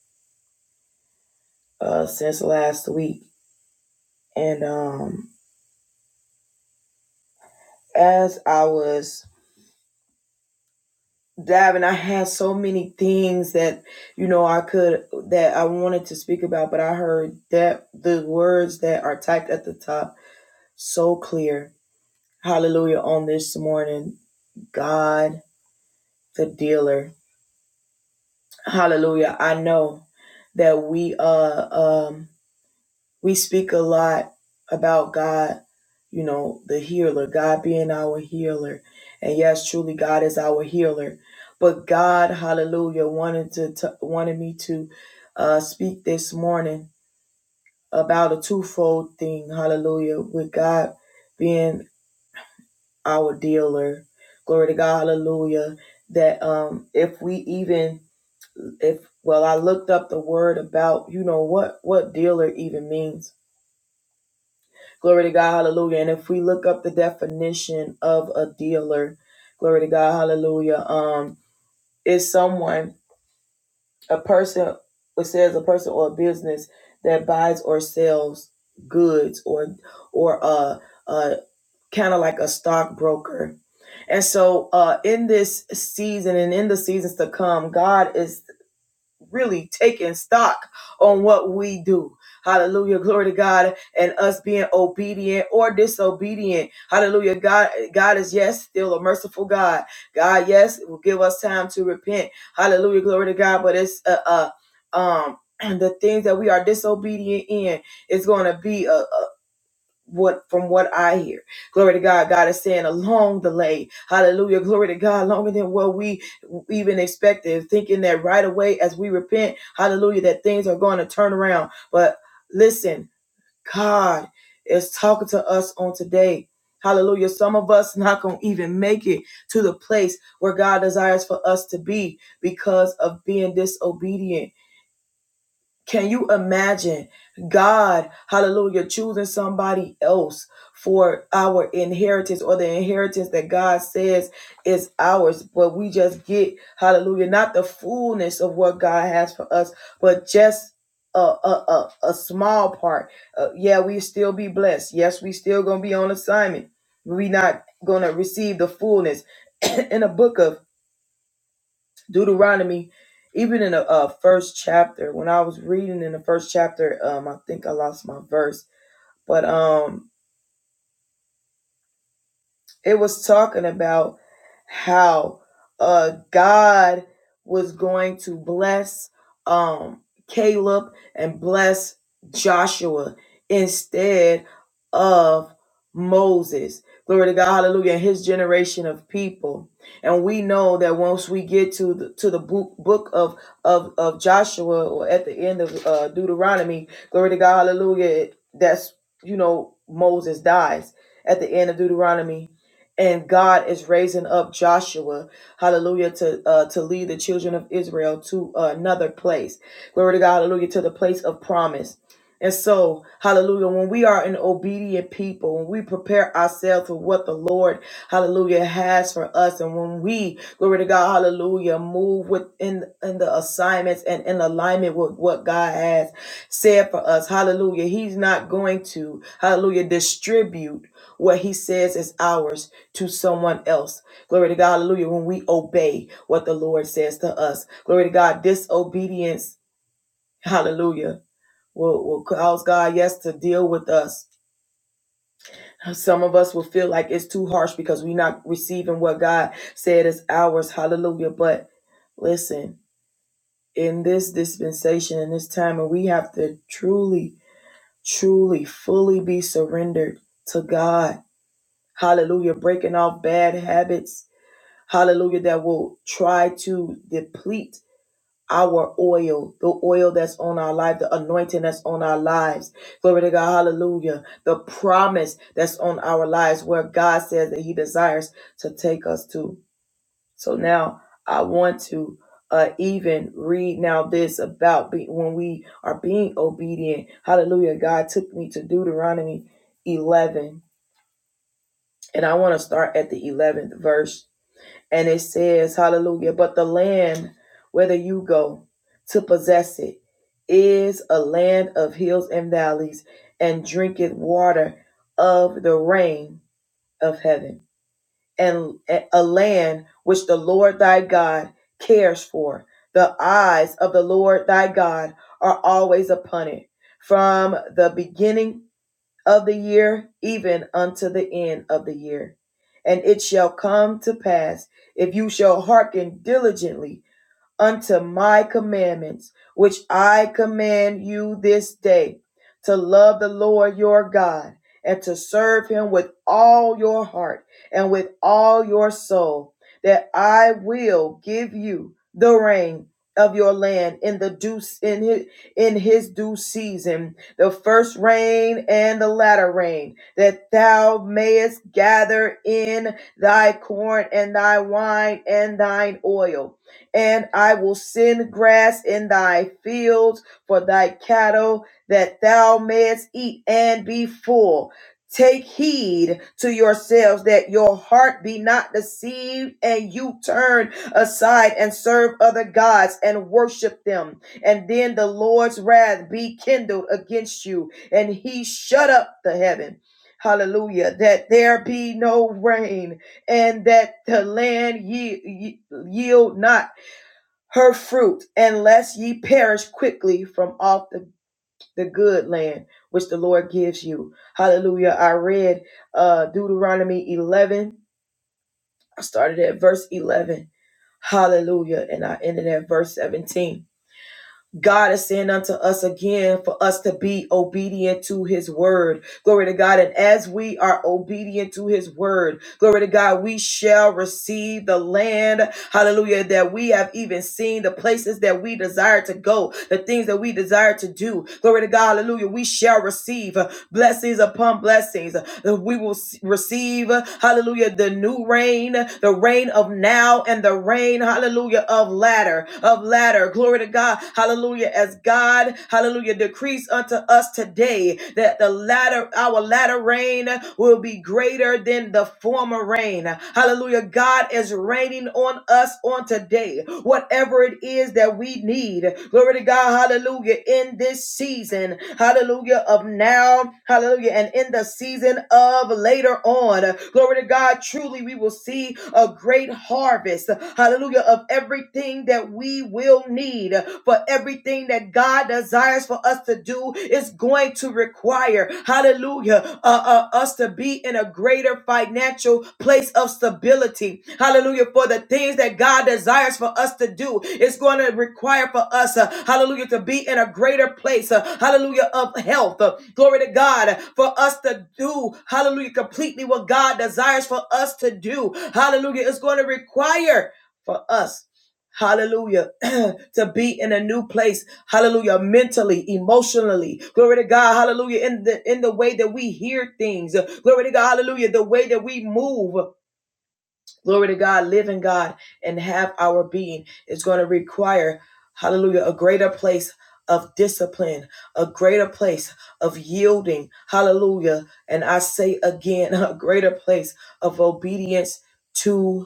uh, since last week. And um, as I was diving, I had so many things that, you know, I could, that I wanted to speak about, but I heard that the words that are typed at the top so clear. Hallelujah on this morning. God the dealer. Hallelujah. I know that we uh um we speak a lot about God, you know, the healer, God being our healer. And yes, truly God is our healer. But God, hallelujah, wanted to, to wanted me to uh speak this morning about a twofold thing, hallelujah, with God being our dealer. Glory to God, hallelujah. That um if we even if well i looked up the word about you know what what dealer even means glory to god hallelujah and if we look up the definition of a dealer glory to god hallelujah um is someone a person it says a person or a business that buys or sells goods or or uh uh kind of like a stockbroker and so uh in this season and in the seasons to come god is really taking stock on what we do. Hallelujah. Glory to God and us being obedient or disobedient. Hallelujah. God God is yes still a merciful God. God yes will give us time to repent. Hallelujah. Glory to God, but it's uh, uh um and the things that we are disobedient in is going to be a what from what I hear. Glory to God. God is saying a long delay. Hallelujah. Glory to God. Longer than what we even expected, thinking that right away as we repent, hallelujah, that things are going to turn around. But listen, God is talking to us on today. Hallelujah. Some of us not going to even make it to the place where God desires for us to be because of being disobedient can you imagine God, hallelujah, choosing somebody else for our inheritance or the inheritance that God says is ours? But we just get, hallelujah, not the fullness of what God has for us, but just a, a, a, a small part. Uh, yeah, we still be blessed. Yes, we still gonna be on assignment. We not gonna receive the fullness. In the book of Deuteronomy, even in the uh, first chapter, when I was reading in the first chapter, um, I think I lost my verse, but um, it was talking about how uh God was going to bless um Caleb and bless Joshua instead of Moses. Glory to God, hallelujah, and his generation of people. And we know that once we get to the to the book, book of, of of Joshua or at the end of uh Deuteronomy, glory to God, hallelujah, that's you know Moses dies at the end of Deuteronomy and God is raising up Joshua, hallelujah, to uh, to lead the children of Israel to another place. Glory to God, hallelujah, to the place of promise. And so, hallelujah, when we are an obedient people, when we prepare ourselves for what the Lord, hallelujah, has for us, and when we, glory to God, hallelujah, move within in the assignments and in alignment with what God has said for us, hallelujah, He's not going to, hallelujah, distribute what He says is ours to someone else. Glory to God. Hallelujah. When we obey what the Lord says to us. Glory to God. Disobedience. Hallelujah. Will, will cause God, yes, to deal with us. Some of us will feel like it's too harsh because we're not receiving what God said is ours. Hallelujah. But listen, in this dispensation, in this time, and we have to truly, truly, fully be surrendered to God. Hallelujah. Breaking off bad habits hallelujah, that will try to deplete our oil, the oil that's on our life, the anointing that's on our lives. Glory to God, hallelujah. The promise that's on our lives where God says that He desires to take us to. So now I want to uh, even read now this about be- when we are being obedient. Hallelujah. God took me to Deuteronomy 11, and I want to start at the 11th verse. And it says, Hallelujah, but the land, whether you go to possess it, is a land of hills and valleys, and drinketh water of the rain of heaven, and a land which the Lord thy God cares for. The eyes of the Lord thy God are always upon it, from the beginning of the year, even unto the end of the year. And it shall come to pass, if you shall hearken diligently unto my commandments, which I command you this day, to love the Lord your God and to serve him with all your heart and with all your soul, that I will give you the rain of your land in the due in his, in his due season the first rain and the latter rain that thou mayest gather in thy corn and thy wine and thine oil and I will send grass in thy fields for thy cattle, that thou mayest eat and be full. Take heed to yourselves that your heart be not deceived, and you turn aside and serve other gods and worship them. And then the Lord's wrath be kindled against you, and he shut up the heaven. Hallelujah. That there be no rain, and that the land ye- ye- yield not her fruit, unless ye perish quickly from off the, the good land which the Lord gives you. Hallelujah. I read uh, Deuteronomy 11. I started at verse 11. Hallelujah. And I ended at verse 17. God is saying unto us again for us to be obedient to his word. Glory to God. And as we are obedient to his word, glory to God, we shall receive the land. Hallelujah. That we have even seen the places that we desire to go, the things that we desire to do. Glory to God. Hallelujah. We shall receive blessings upon blessings we will s- receive, hallelujah, the new rain, the rain of now and the rain, hallelujah, of latter, of latter. Glory to God, hallelujah, as God, hallelujah, decrees unto us today that the latter, our latter rain will be greater than the former rain. Hallelujah, God is raining on us on today. What? whatever it is that we need. Glory to God, hallelujah, in this season, hallelujah, of now, hallelujah, and in the season of later on. Glory to God, truly we will see a great harvest, hallelujah, of everything that we will need for everything that God desires for us to do is going to require. Hallelujah. Uh, uh, us to be in a greater financial place of stability. Hallelujah. For the things that God desires for us to do, it's going to require for us, uh, hallelujah, to be in a greater place. uh, hallelujah. Of health. Uh, glory to God. For us to do, hallelujah, completely what God desires for us to do. Hallelujah. It's going to require for us Hallelujah. to be in a new place. Hallelujah. Mentally, emotionally. Glory to God. Hallelujah. In the in the way that we hear things. Glory to God. Hallelujah. The way that we move. Glory to God. Live in God and have our being. It's going to require, hallelujah, a greater place of discipline, a greater place of yielding. Hallelujah. And I say again, a greater place of obedience to.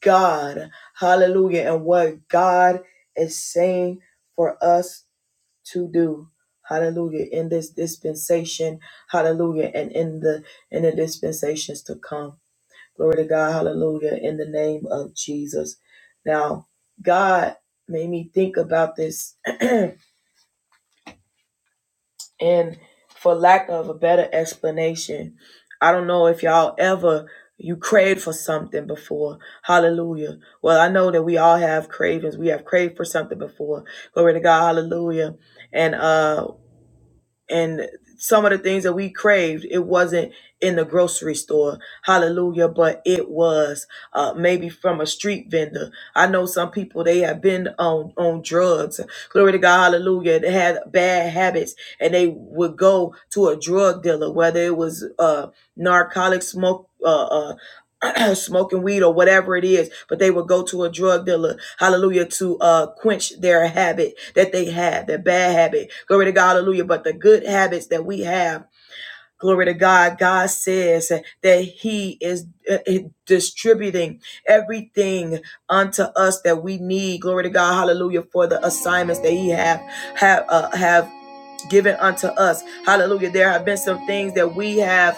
God. Hallelujah. And what God is saying for us to do. Hallelujah. In this dispensation. Hallelujah. And in the in the dispensations to come. Glory to God. Hallelujah. In the name of Jesus. Now, God made me think about this And for lack of a better explanation, I don't know if y'all ever you craved for something before. Hallelujah. Well, I know that we all have cravings. We have craved for something before. Glory to God. Hallelujah. And um and some of the things that we craved it wasn't in the grocery store hallelujah but it was uh, maybe from a street vendor i know some people they have been on on drugs glory to god hallelujah they had bad habits and they would go to a drug dealer whether it was uh narcotics smoke uh, uh, smoking weed or whatever it is, but they will go to a drug dealer, hallelujah, to uh, quench their habit that they have, their bad habit. Glory to God, hallelujah. But the good habits that we have, glory to God, God says that He is uh, uh, distributing everything unto us that we need. Glory to God, hallelujah, for the assignments that He have have uh, have given unto us. Hallelujah. There have been some things that we have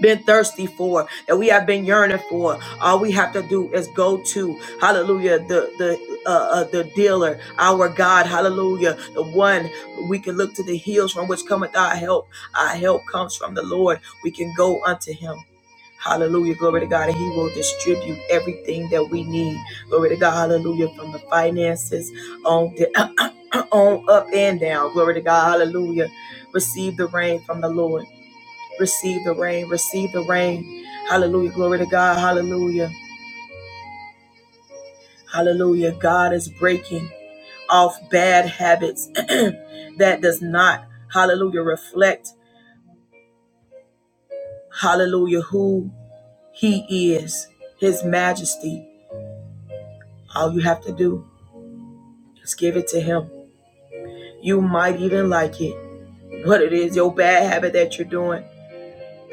been thirsty for, that we have been yearning for. All we have to do is go to Hallelujah, the the uh, uh, the dealer, our God, Hallelujah, the one we can look to the hills from which cometh our help. Our help comes from the Lord. We can go unto Him. Hallelujah, glory to God, and He will distribute everything that we need. Glory to God, Hallelujah, from the finances on the on up and down. Glory to God, Hallelujah. Receive the rain from the Lord. Receive the rain. Receive the rain. Hallelujah. Glory to God. Hallelujah. Hallelujah. God is breaking off bad habits that does not, hallelujah, reflect, hallelujah, who he is, his majesty. All you have to do is give it to him. You might even like it, what it is, your bad habit that you're doing.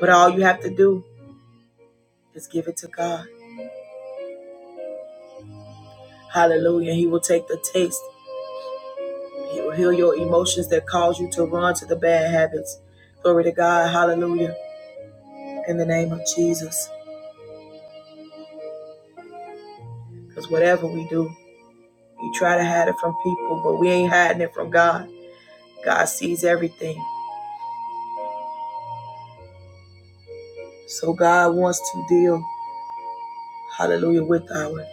But all you have to do is give it to God. Hallelujah. He will take the taste. He will heal your emotions that cause you to run to the bad habits. Glory to God. Hallelujah. In the name of Jesus. Because whatever we do, we try to hide it from people, but we ain't hiding it from God. God sees everything. So God wants to deal, hallelujah, with our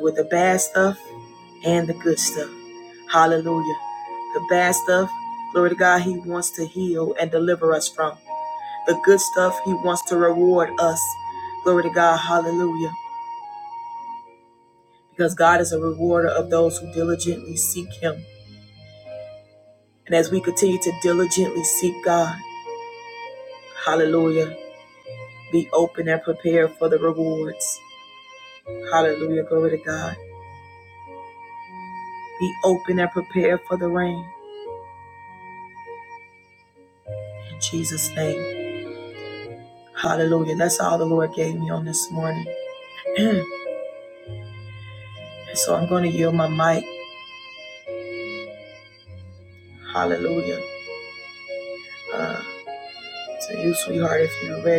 with the bad stuff and the good stuff. Hallelujah. The bad stuff, glory to God, He wants to heal and deliver us from. The good stuff, He wants to reward us. Glory to God, hallelujah. because God is a rewarder of those who diligently seek Him. And as we continue to diligently seek God, hallelujah, be open and prepared for the rewards. Hallelujah, glory to God. Be open and prepared for the rain. In Jesus' name, hallelujah. That's all the Lord gave me on this morning. And so I'm going to yield my mic, hallelujah, to you,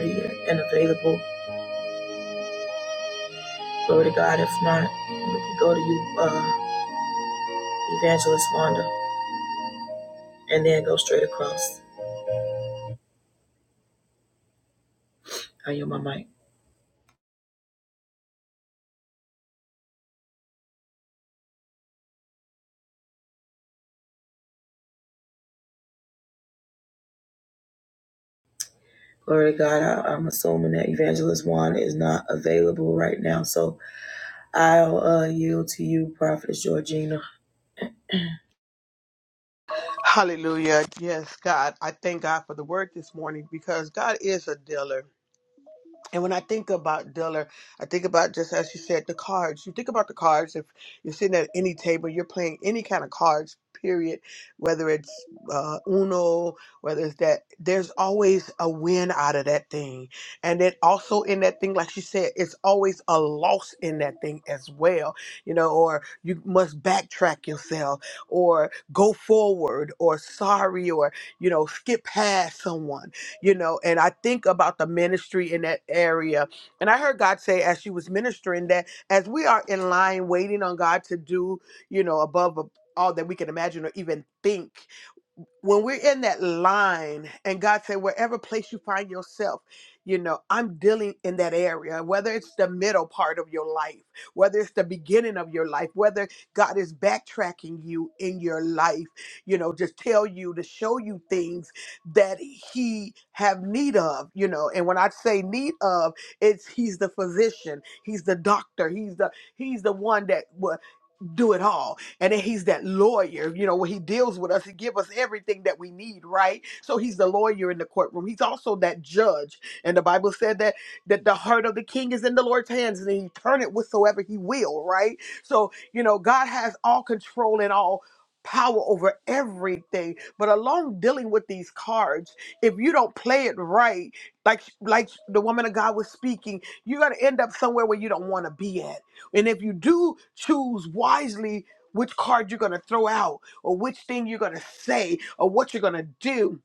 sweetheart, and available. Glory to God. We can go to you, uh, Swanda, and then go straight across. I yield my mic. Glory to God. I, I'm assuming that Evangelist Juan is not available right now. So I'll uh, yield to you, Prophetess Georgina.
Hallelujah. Yes, God. I thank God for the word this morning because God is a dealer. And when I think about Diller, I think about just as you said, the cards. You think about the cards. If you're sitting at any table, you're playing any kind of cards. Period. Whether it's uh, Uno, whether it's that, there's always a win out of that thing, and then also in that thing, like you said, it's always a loss in that thing as well. You know, or you must backtrack yourself, or go forward, or sorry, or you know, skip past someone you know, and I think about the ministry in that area. And I heard God say as she was ministering that as we are in line waiting on God to do, you know, above all that we can imagine or even think, when we're in that line and God said, wherever place you find yourself, you know, I'm dealing in that area, whether it's the middle part of your life, whether it's the beginning of your life, whether God is backtracking you in your life, you know, just tell you to show you things that he have need of, you know. And when I say need of, it's he's the physician, he's the doctor, he's the he's the one that will do it all. And then he's that lawyer, you know, when he deals with us, he give us everything that we need, right? So he's the lawyer in the courtroom. He's also that judge. And the Bible said that that the heart of the king is in the Lord's hands and he turn it whatsoever he will, right? So, you know, God has all control and all power over everything. But along dealing with these cards, if you don't play it right, like like the woman of God was speaking, you're gonna end up somewhere where you don't want to be at and if you do choose wisely which card you're going to throw out or which thing you're going to say or what you're going to do,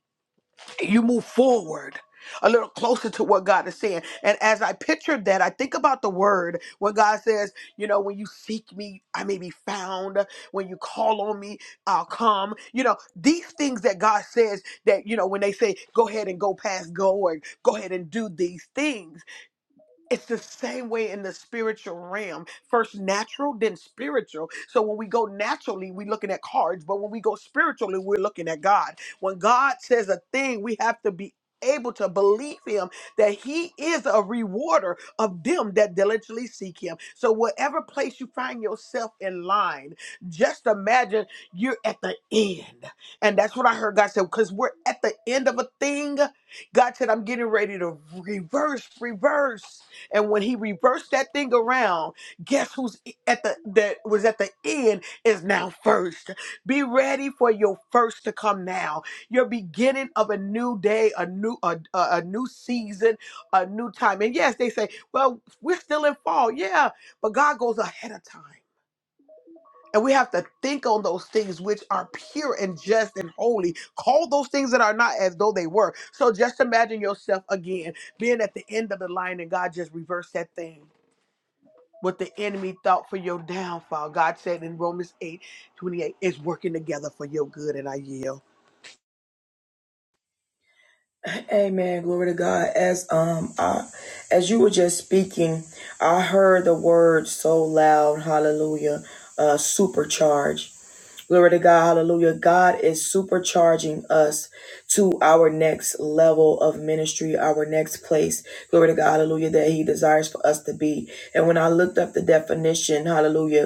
you move forward a little closer to what God is saying. And as I pictured that, I think about the word when God says, you know, when you seek me, I may be found. When you call on me, I'll come. You know, these things that God says that, you know, when they say, go ahead and go past go or go ahead and do these things it's the same way in the spiritual realm. First natural, then spiritual. So when we go naturally, we're looking at cards, but when we go spiritually, we're looking at God. When God says a thing, we have to be able to believe him that he is a rewarder of them that diligently seek him. So whatever place you find yourself in line, just imagine you're at the end. And that's what I heard God say, because we're at the end of a thing. God said, I'm getting ready to reverse, reverse. And when he reversed that thing around, guess who's e, at the that was at the end is now first. Be ready for your first to come now. Your beginning of a new day, a new a, a, a new season, a new time. And yes, they say, well, we're still in fall. Yeah, but God goes ahead of time. And we have to think on those things which are pure and just and holy. Call those things that are not as though they were. So just imagine yourself again being at the end of the line and God just reversed that thing. What the enemy thought for your downfall, God said in Romans 8 28 is working together for your good, and I yield.
Amen. Glory to God. As um I, as you were just speaking, I heard the word so loud, hallelujah, uh supercharge. Glory to God. Hallelujah. God is supercharging us to our next level of ministry, our next place. Glory to God. Hallelujah. That He desires for us to be. And when I looked up the definition, hallelujah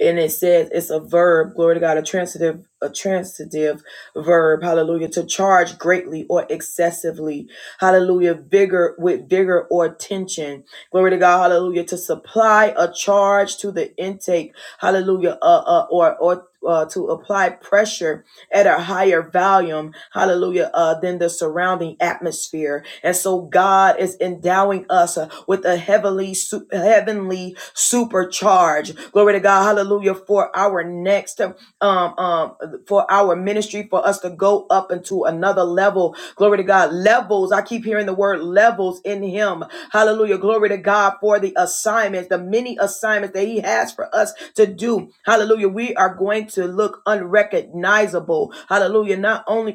and it says it's a verb glory to god a transitive a transitive verb hallelujah to charge greatly or excessively hallelujah vigor with vigor or tension glory to god hallelujah to supply a charge to the intake hallelujah uh, uh, or or uh, to apply pressure at a higher volume, hallelujah, uh, than the surrounding atmosphere. And so God is endowing us uh, with a heavenly, su- heavenly supercharge. Glory to God. Hallelujah. For our next um um for our ministry, for us to go up into another level. Glory to God. Levels. I keep hearing the word levels in him. Hallelujah. Glory to God for the assignments, the many assignments that he has for us to do. Hallelujah. We are going to look unrecognizable. Hallelujah. Not only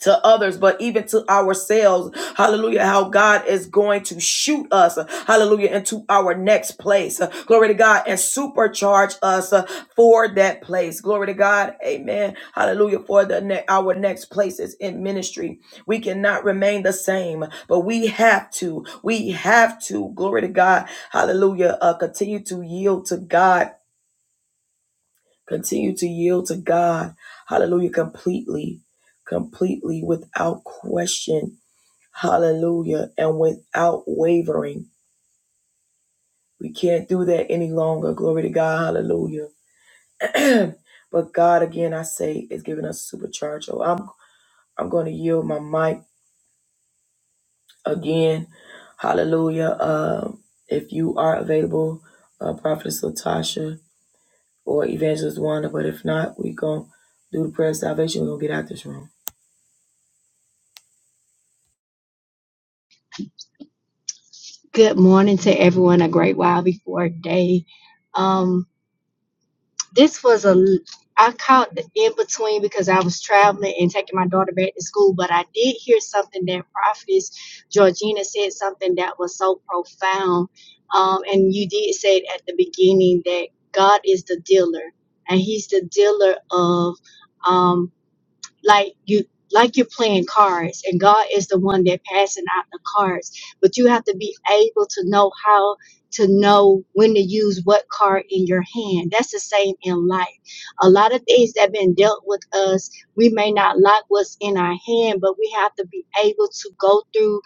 to others, but even to ourselves. Hallelujah. How God is going to shoot us. Hallelujah. Into our next place. Uh, Glory to God and supercharge us uh, for that place. Glory to God. Amen. Hallelujah. For the ne- our next places in ministry. We cannot remain the same, but we have to. We have to. Glory to God. Hallelujah. Uh, continue to yield to God Continue to yield to God. Hallelujah. Completely, completely without question. Hallelujah. And without wavering. We can't do that any longer. Glory to God. Hallelujah. but God, again, I say, is giving us supercharge. Oh, I'm, I'm going to yield my mic again. Hallelujah. Um, if you are available, uh, Prophetess Latasha or Evangelist Wanda, but if not, we going to do the prayer of salvation. We're going to get out this room.
Good morning to everyone. A great while before day. Um, this was a I caught the in between because I was traveling and taking my daughter back to school, but I did hear something that Prophetess Georgina said something that was so profound. Um, and you did say it at the beginning that God is the dealer, and He's the dealer of. um, like you like you're playing cards and god is the one that passing out the cards but you have to be able to know how to know when to use what card in your hand that's the same in life a lot of things that been dealt with us we may not like what's in our hand but we have to be able to go through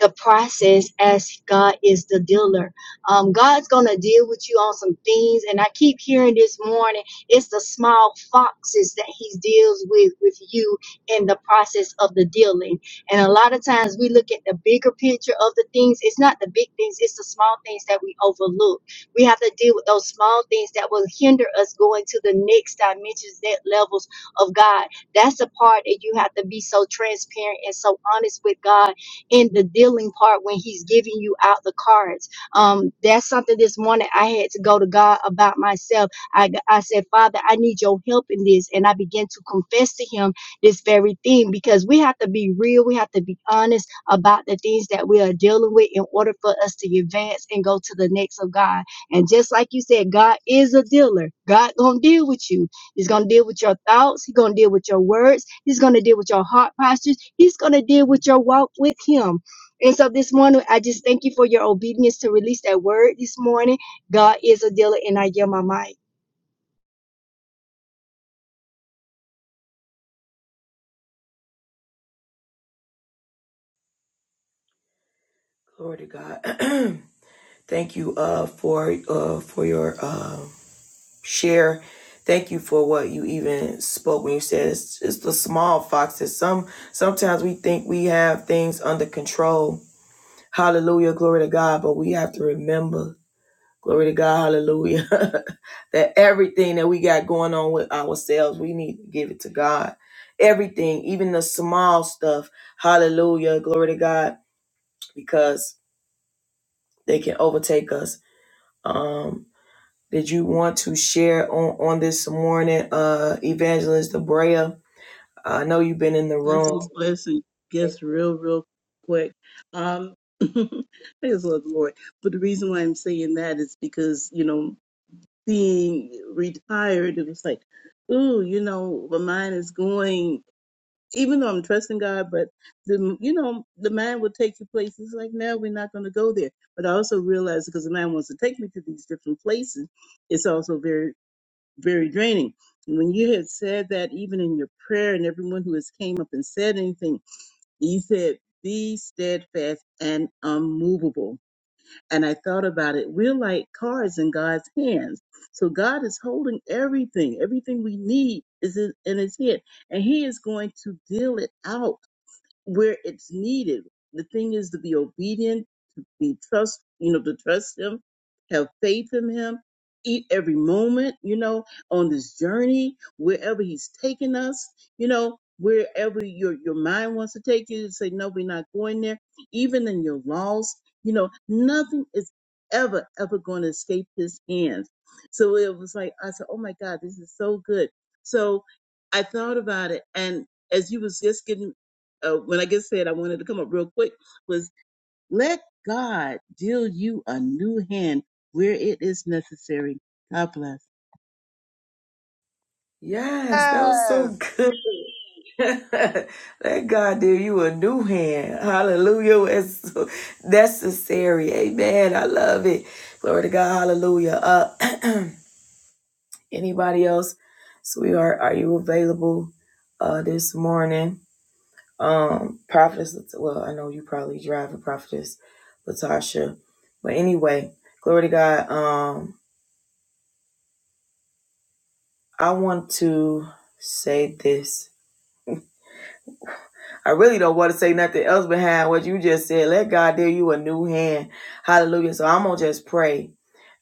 the process as god is the dealer um, god's gonna deal with you on some things and i keep hearing this morning it's the small foxes that he deals with with you in the process of the dealing. And a lot of times we look at the bigger picture of the things. It's not the big things, it's the small things that we overlook. We have to deal with those small things that will hinder us going to the next dimensions, that levels of God. That's the part that you have to be so transparent and so honest with God in the dealing part when He's giving you out the cards. Um, that's something this morning I had to go to God about myself I, I said, Father, I need your help in this. And I began to confess to him this very thing because we have to be real. We have to be honest about the things that we are dealing with in order for us to advance and go to the next of God. And just like you said, God is a dealer. God gonna deal with you. He's gonna deal with your thoughts. He's gonna deal with your words. He's gonna deal with your heart postures. He's gonna deal with your walk with Him. And so this morning, I just thank you for your obedience to release that word this morning. God is a dealer, and I yield my mic.
Glory to God. Thank you uh for uh for your uh, share. Thank you for what you even spoke when you said it's just the small foxes. Some sometimes we think we have things under control. Hallelujah, glory to God. But we have to remember, glory to God, hallelujah, that everything that we got going on with ourselves, we need to give it to God. Everything, even the small stuff, hallelujah, glory to God, because they can overtake us Um, did you want to share on, on this morning, uh, Evangelist Debrea? I know you've been in the room.
Blessings, blessings. Guess real, real quick. Um, praise the Lord. Lord. But the reason why I'm saying that is because, you know, being retired, it was like, ooh, you know, my mind is going, even though I'm trusting God, but the, you know, the mind will take you places. It's like, no, we're not going to go there. But I also realized because the mind wants to take me to these different places, it's also very, very draining. When you had said that, even in your prayer, and everyone who has came up and said anything, he said, be steadfast and unmovable. And I thought about it. We're like cards in God's hands. So God is holding everything. Everything we need is in in his hand. And he is going to deal it out where it's needed. The thing is to be obedient, to be trust, you know, to trust Him, have faith in Him, eat every moment, you know, on this journey, wherever He's taking us, you know, wherever your your mind wants to take you, say no, we're not going there. Even in your loss, you know, nothing is ever ever going to escape His hands. So it was like I said, oh my God, this is so good. So I thought about it, and as you was just getting uh, when I just said I wanted to come up real quick was let God deal you a new hand where it is necessary. God bless.
Yes, that was so
Yes.
good. that God did you a new hand. Hallelujah. It's so necessary. Amen. I love it. Glory to God. Hallelujah. Uh, anybody else? Sweetheart, are are you available uh, this morning? um prophets well i know you probably drive a prophetess latasha but anyway glory to god um i want to say this i really don't want to say nothing else behind what you just said let god deal you a new hand hallelujah so i'm gonna just pray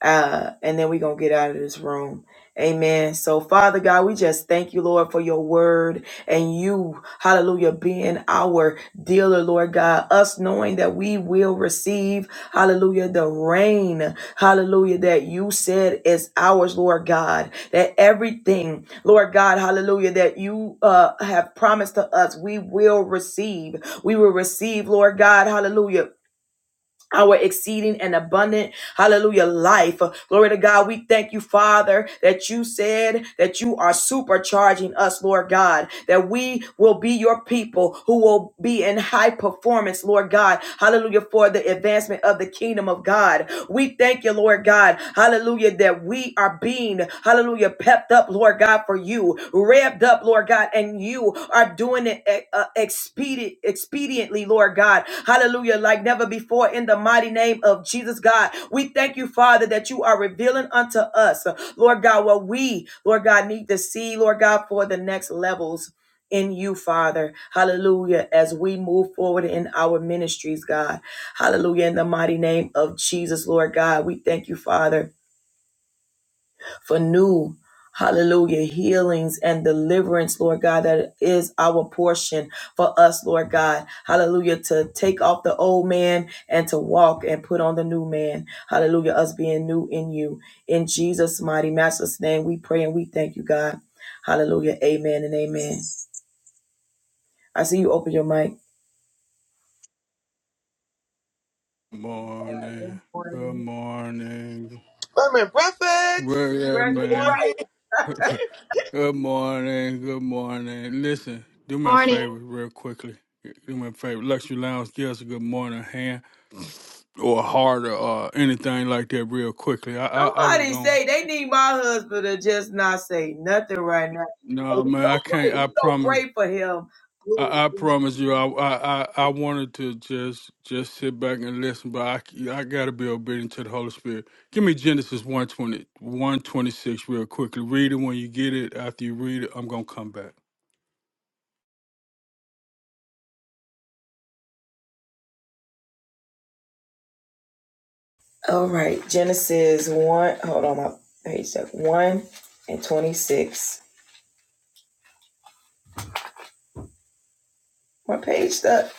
uh, and then we're going to get out of this room. Amen. So, Father God, we just thank you, Lord, for your word and you, hallelujah, being our dealer, Lord God, us knowing that we will receive, hallelujah, the rain, hallelujah, that you said is ours, Lord God, that everything, Lord God, hallelujah, that you uh, have promised to us, we will receive. We will receive, Lord God, hallelujah our exceeding and abundant hallelujah life glory to god we thank you father that you said that you are supercharging us lord god that we will be your people who will be in high performance lord god hallelujah for the advancement of the kingdom of god we thank you, Lord God. Hallelujah, that we are being, hallelujah, pepped up, Lord God, for you, revved up, Lord God, and you are doing it eh, uh, expedient, expediently, Lord God. Hallelujah, like never before in the mighty name of Jesus, God. We thank you, Father, that you are revealing unto us, Lord God, what we, Lord God, need to see, Lord God, for the next levels in you, Father. Hallelujah. As we move forward in our ministries, God. Hallelujah. In the mighty name of Jesus, Lord God, we thank you, Father, for new. Hallelujah. Healings and deliverance, Lord God, that is our portion for us, Lord God. Hallelujah. To take off the old man and to walk and put on the new man. Hallelujah. Us being new in you. In Jesus' mighty master's name, we pray and we thank you, God. Hallelujah. Amen and amen. I see you open your mic.
Good morning. Good morning.
Women prefix.
Where at,
Greg,
Good
man?
morning.
Good morning. Good morning. Listen, do me a
Morning.
favor real quickly. Do me a favor. Luxury Lounge, give us a good morning hand or a heart or uh, anything like that real quickly. I I, I will
Somebody
go.
say they need my husband to just not say nothing right now. And
No,
we
man,
go
I can't.
pray.
I
We go
promise.
pray for him.
I, I promise you, I, I I I wanted to just just sit back and listen, but I c- I gotta be obedient to the Holy Spirit. Give me Genesis one twenty one twenty six real quickly. Read it when you get it. After you read it, I'm gonna come back.
All right, Genesis one. Hold on, my page up one and twenty six. My page up.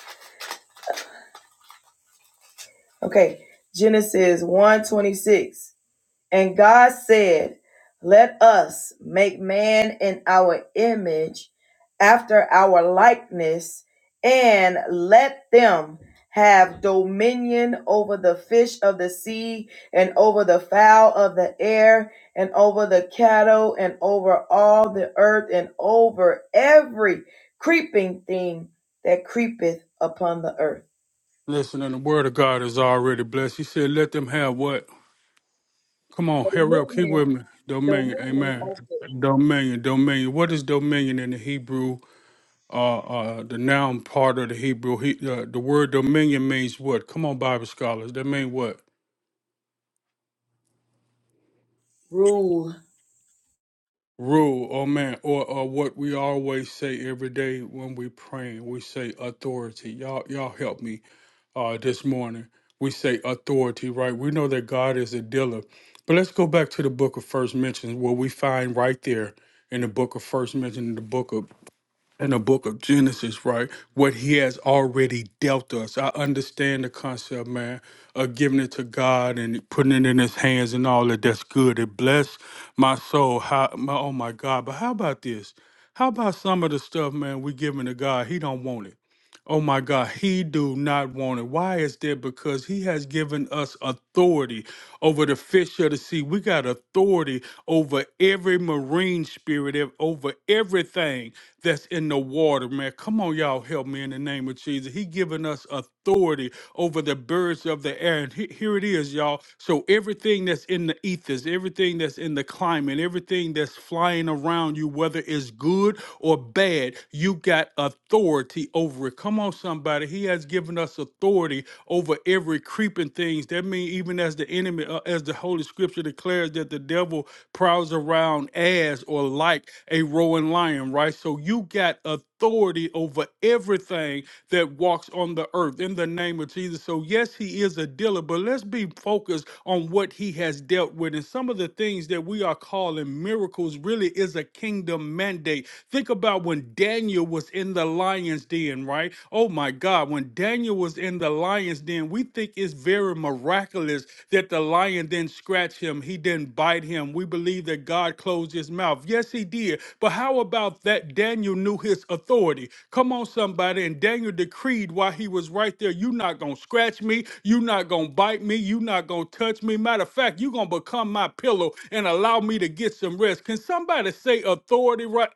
Okay, Genesis one twenty six. And God said, Let us make man in our image, after our likeness, and let them have dominion over the fish of the sea, and over the fowl of the air, and over the cattle, and over all the earth, and over every creeping thing that creepeth upon the earth.
Listen, and the Word of God is already blessed. He said, "Let them have what? Come on, hurry up, keep with me. Dominion, Amen. Dominion, dominion. What is dominion in the Hebrew? Uh, uh, the noun part of the Hebrew. He, uh, the word dominion means what? Come on, Bible scholars. That mean what?
Rule
rule oh man or, or what we always say every day when we praying we say authority y'all y'all help me uh this morning we say authority right we know that god is a dealer but let's go back to the book of first mentions where we find right there in the book of first mention in the book of in the book of Genesis, right? What he has already dealt us. I understand the concept, man, of giving it to God and putting it in his hands and all that. That's good. It bless my soul. How my oh my God. But how about this? How about some of the stuff, man, we giving to God? He don't want it. Oh my God, he do not want it. Why is that? Because he has given us authority over the fish of the sea. We got authority over every marine spirit, ev- over everything that's in the water, man. Come on, y'all, help me in the name of Jesus. He given us authority over the birds of the air. And he- here it is, y'all. So everything that's in the ethers, everything that's in the climate, everything that's flying around you, whether it's good or bad, you got authority authority over it. Come on, somebody. He has given us authority over every creeping things. That means even as the enemy, uh, as the Holy Scripture declares that the devil prowls around as or like a roaring lion, right? So you got authority over everything that walks on the earth in the name of Jesus. So yes, he is a dealer, but let's be focused on what he has dealt with. And some of the things that we are calling miracles really is a kingdom mandate. Think about when Daniel was in the lion's den, right? Oh my God, when Daniel was in the lion's den, we think it's very miraculous that the lion didn't scratch him, he didn't bite him. We believe that God closed his mouth. Yes, he did. But how about that Daniel knew his authority? Come on, somebody. And Daniel decreed while he was right there, you're not going to scratch me, you're not going to bite me, you're not going to touch me. Matter of fact, you're going to become my pillow and allow me to get some rest. Can somebody say authority right?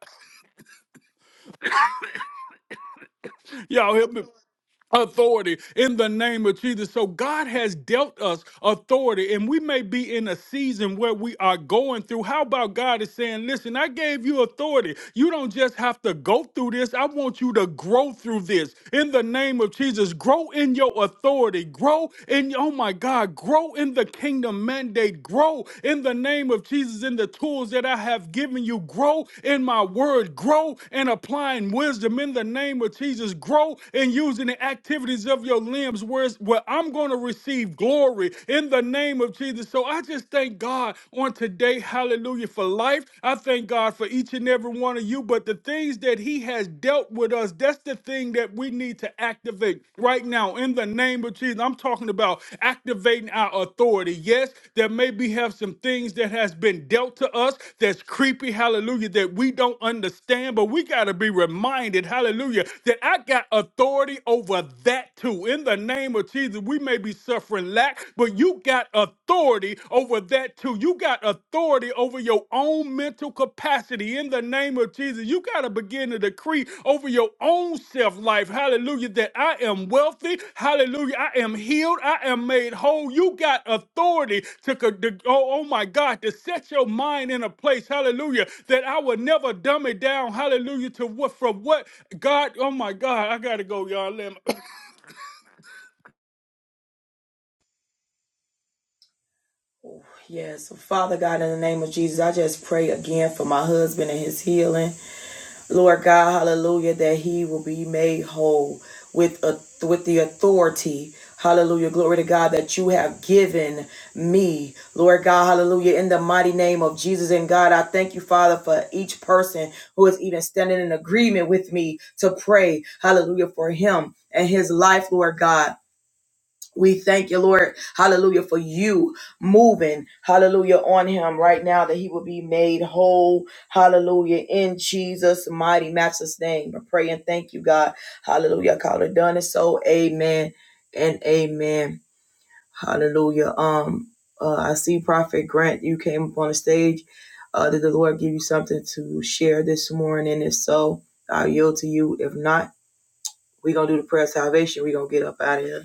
Y'all help me. authority in the name of Jesus. So God has dealt us authority and we may be in a season where we are going through. How about God is saying, "Listen, I gave you authority. You don't just have to go through this. I want you to grow through this." In the name of Jesus, grow in your authority. Grow in oh my God, grow in the kingdom mandate. Grow in the name of Jesus in the tools that I have given you. Grow in my word. Grow in applying wisdom in the name of Jesus. Grow and using the activities of your limbs, whereas where I'm going to receive glory in the name of Jesus. So I just thank God on today, hallelujah, for life. I thank God for each and every one of you. But the things that He has dealt with us, that's the thing that we need to activate right now in the name of Jesus. I'm talking about activating our authority. Yes, there may be have some things that has been dealt to us that's creepy, hallelujah, that we don't understand, but we got to be reminded, hallelujah, that that I got authority over that too. In the name of Jesus, we may be suffering lack, but you got authority over that too. You got authority over your own mental capacity. In the name of Jesus, you got to begin to decree over your own self life. Hallelujah. That I am wealthy. Hallelujah. I am healed. I am made whole. You got authority to, co- to oh, oh my God, to set your mind in a place. Hallelujah. That I will never dumb it down. Hallelujah. To what from what God, oh my God, I gotta go, y'all. Let me...
Yeah, so Father God, in the name of Jesus, I just pray again for my husband and his healing. Lord God, hallelujah, that he will be made whole with a, with the authority. Hallelujah, glory to God that you have given me. Lord God, hallelujah, in the mighty name of Jesus and God, I thank you, Father, for each person who is even standing in agreement with me to pray. Hallelujah, for him and his life, Lord God. We thank you, Lord, hallelujah, for you moving, hallelujah, on him right now that he will be made whole, hallelujah, in Jesus' mighty, matchless name. I pray and thank you, God, hallelujah. I call it done and so, amen and amen, hallelujah. Um, uh, I see Prophet Grant, you came up on the stage. Uh, did the Lord give you something to share this morning? If so, I'll yield to you. If not, we're gonna do the prayer of salvation, we're gonna get up out of here.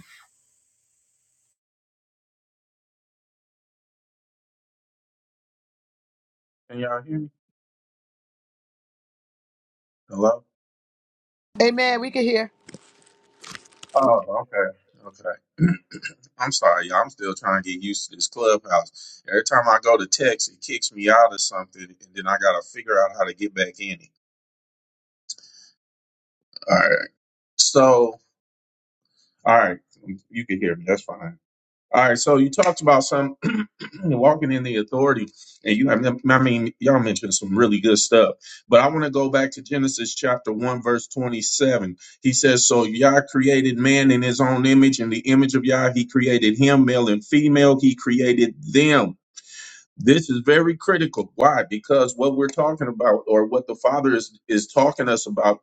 Can y'all hear me? Hello?
Amen. We can hear.
Oh, okay. Okay. I'm sorry, y'all. I'm still trying to get used to this clubhouse. Every time I go to text, it kicks me out of something, and then I got to figure out how to get back in it. All right. So, all right. You can hear me. That's fine. All right. So, you talked about some. walking in the authority and you have i mean y'all mentioned some really good stuff but i want to go back to genesis chapter 1 verse 27 he says so yah created man in his own image in the image of yah he created him male and female he created them this is very critical why because what we're talking about or what the father is is talking us about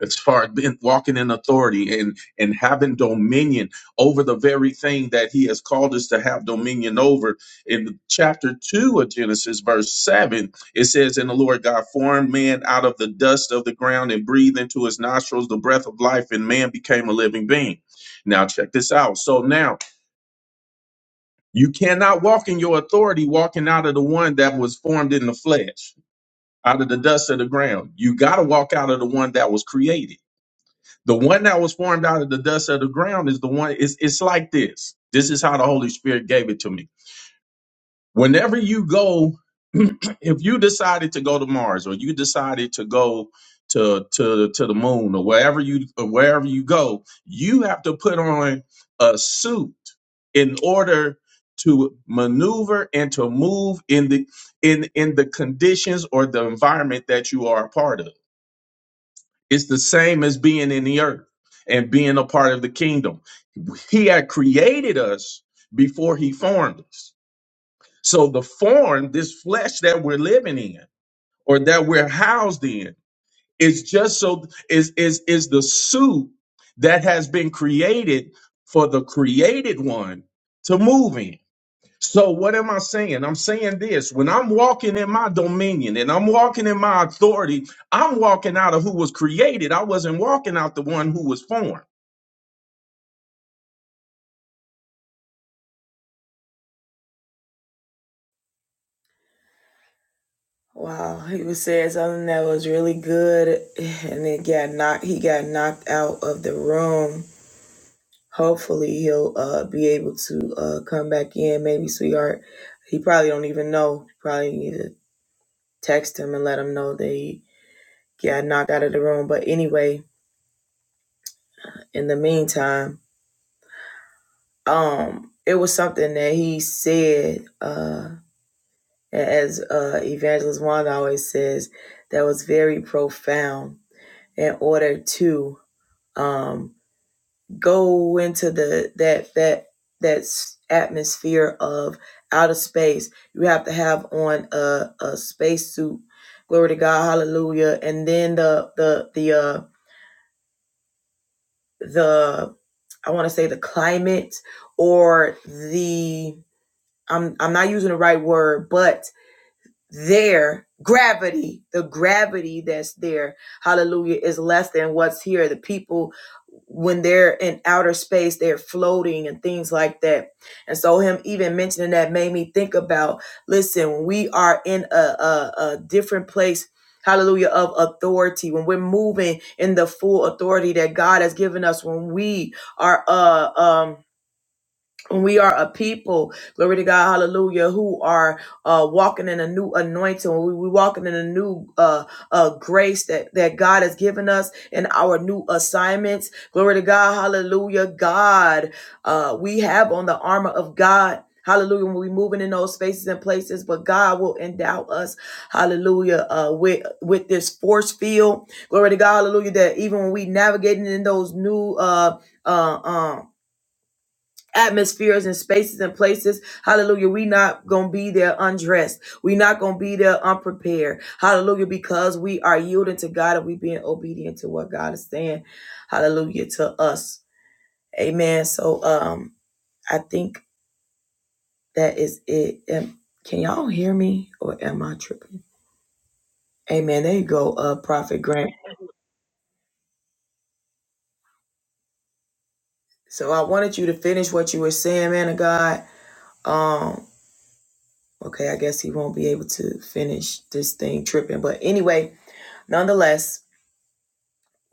as far as being, walking in authority and and having dominion over the very thing that he has called us to have dominion over in chapter 2 of genesis verse 7 it says and the lord god formed man out of the dust of the ground and breathed into his nostrils the breath of life and man became a living being now check this out so now you cannot walk in your authority walking out of the one that was formed in the flesh out of the dust of the ground you got to walk out of the one that was created the one that was formed out of the dust of the ground is the one. It's it's like this. This is how the Holy Spirit gave it to me. Whenever you go, if you decided to go to Mars or you decided to go to to to the moon or wherever you or wherever you go, you have to put on a suit in order to maneuver and to move in the in in the conditions or the environment that you are a part of it's the same as being in the earth and being a part of the kingdom. He had created us before he formed us. So the form, this flesh that we're living in or that we're housed in, is just so is is is the suit that has been created for the created one to move in. So what am I saying? I'm saying this. When I'm walking in my dominion and I'm walking in my authority, I'm walking out of who was created. I wasn't walking out the one who was formed.
Wow, he was saying something that was really good, and it got knocked. He got knocked out of the room. Hopefully, he'll uh, be able to uh, come back in. Maybe, sweetheart, he probably don't even know. Probably need to text him and let him know that he got knocked out of the room. But anyway, in the meantime, um, it was something that he said, uh, as uh, Evangelist Wanda always says, that was very profound. In order to um go into the that that that atmosphere of outer space you have to have on a, a space suit glory to god hallelujah and then the the the uh the i want to say the climate or the i'm i'm not using the right word but There gravity, the gravity that's there, hallelujah, is less than what's here. The people, when they're in outer space, they're floating and things like that. And so, him even mentioning that made me think about listen, we are in a, a, a different place. Hallelujah of authority when we're moving in the full authority that God has given us when we are uh um we are a people, glory to God, hallelujah, who are uh, walking in a new anointing. We, we walking in a new uh, uh, grace that, that God has given us in our new assignments. Glory to God, hallelujah. God, uh, we have on the armor of God. Hallelujah. When we moving in those spaces and places, but God will endow us, hallelujah, uh, with with this force field. Glory to God, hallelujah. That even when we navigating in those new uh uh, um atmospheres and spaces and places. Hallelujah. We not going to be there undressed. We not going to be there unprepared. Hallelujah. Because we are yielding to God and we being obedient to what God is saying. Hallelujah to us. Amen. So, um, I think that is it. Um, can y'all hear me or am I tripping? Amen. There you go. Uh, prophet Grant. So I wanted you to finish what you were saying, man of God. Um, okay. I guess he won't be able to finish this thing tripping, but anyway, Nonetheless,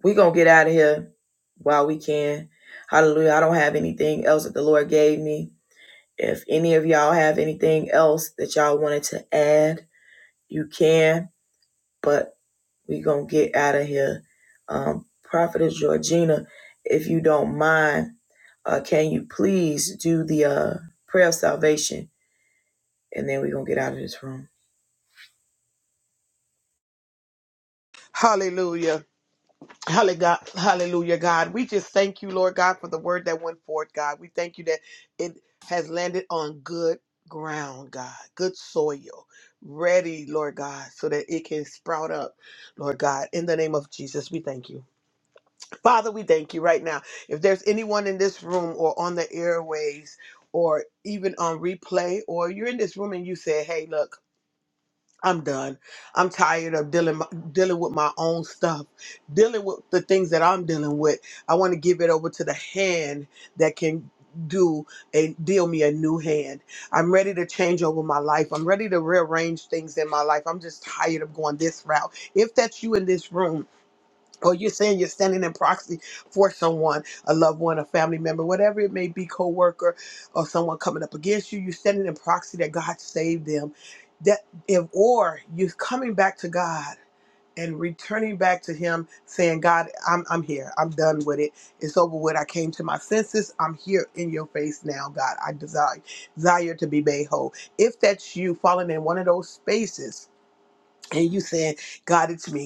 we're going to get out of here while we can. Hallelujah. I don't have anything else that the Lord gave me. If any of y'all have anything else that y'all wanted to add, you can, but we're going to get out of here. Um, Prophetess Georgina, if you don't mind, uh, can you please do the uh, prayer of salvation? And then we're going to get out of this room.
Hallelujah. Halle- God- Hallelujah, God. We just thank you, Lord God, for the word that went forth, God. We thank you that it has landed on good ground, God, good soil, ready, Lord God, so that it can sprout up, Lord God. In the name of Jesus, we thank you. Father, we thank you right now. If there's anyone in this room or on the airways or even on replay, or you're in this room and you say, hey, look, I'm done. I'm tired of dealing dealing with my own stuff, dealing with the things that I'm dealing with. I want to give it over to the hand that can do and deal me a new hand. I'm ready to change over my life. I'm ready to rearrange things in my life. I'm just tired of going this route. If that's you in this room, or you're saying you're standing in proxy for someone, a loved one, a family member, whatever it may be, coworker, or someone coming up against you, you're standing in proxy that God saved them. That if or you're coming back to God and returning back to Him, saying, God, I'm I'm here. I'm done with it. It's over with. I came to my senses. I'm here in your face now, God. I desire desire to be made whole. If that's you falling in one of those spaces and you saying, God, it's me.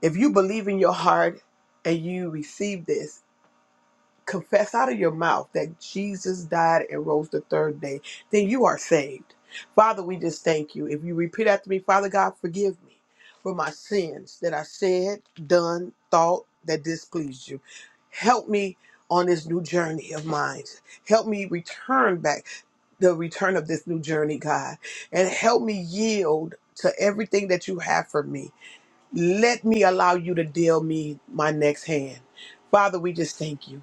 If you believe in your heart and you receive this, confess out of your mouth that Jesus died and rose the third day, then you are saved. Father, we just thank you. If you repeat after me, Father God, forgive me for my sins that I said, done, thought that displeased you. Help me on this new journey of mine. Help me return back the return of this new journey, God, and help me yield to everything that you have for me. Let me allow you to deal me my next hand. Father, we just thank you.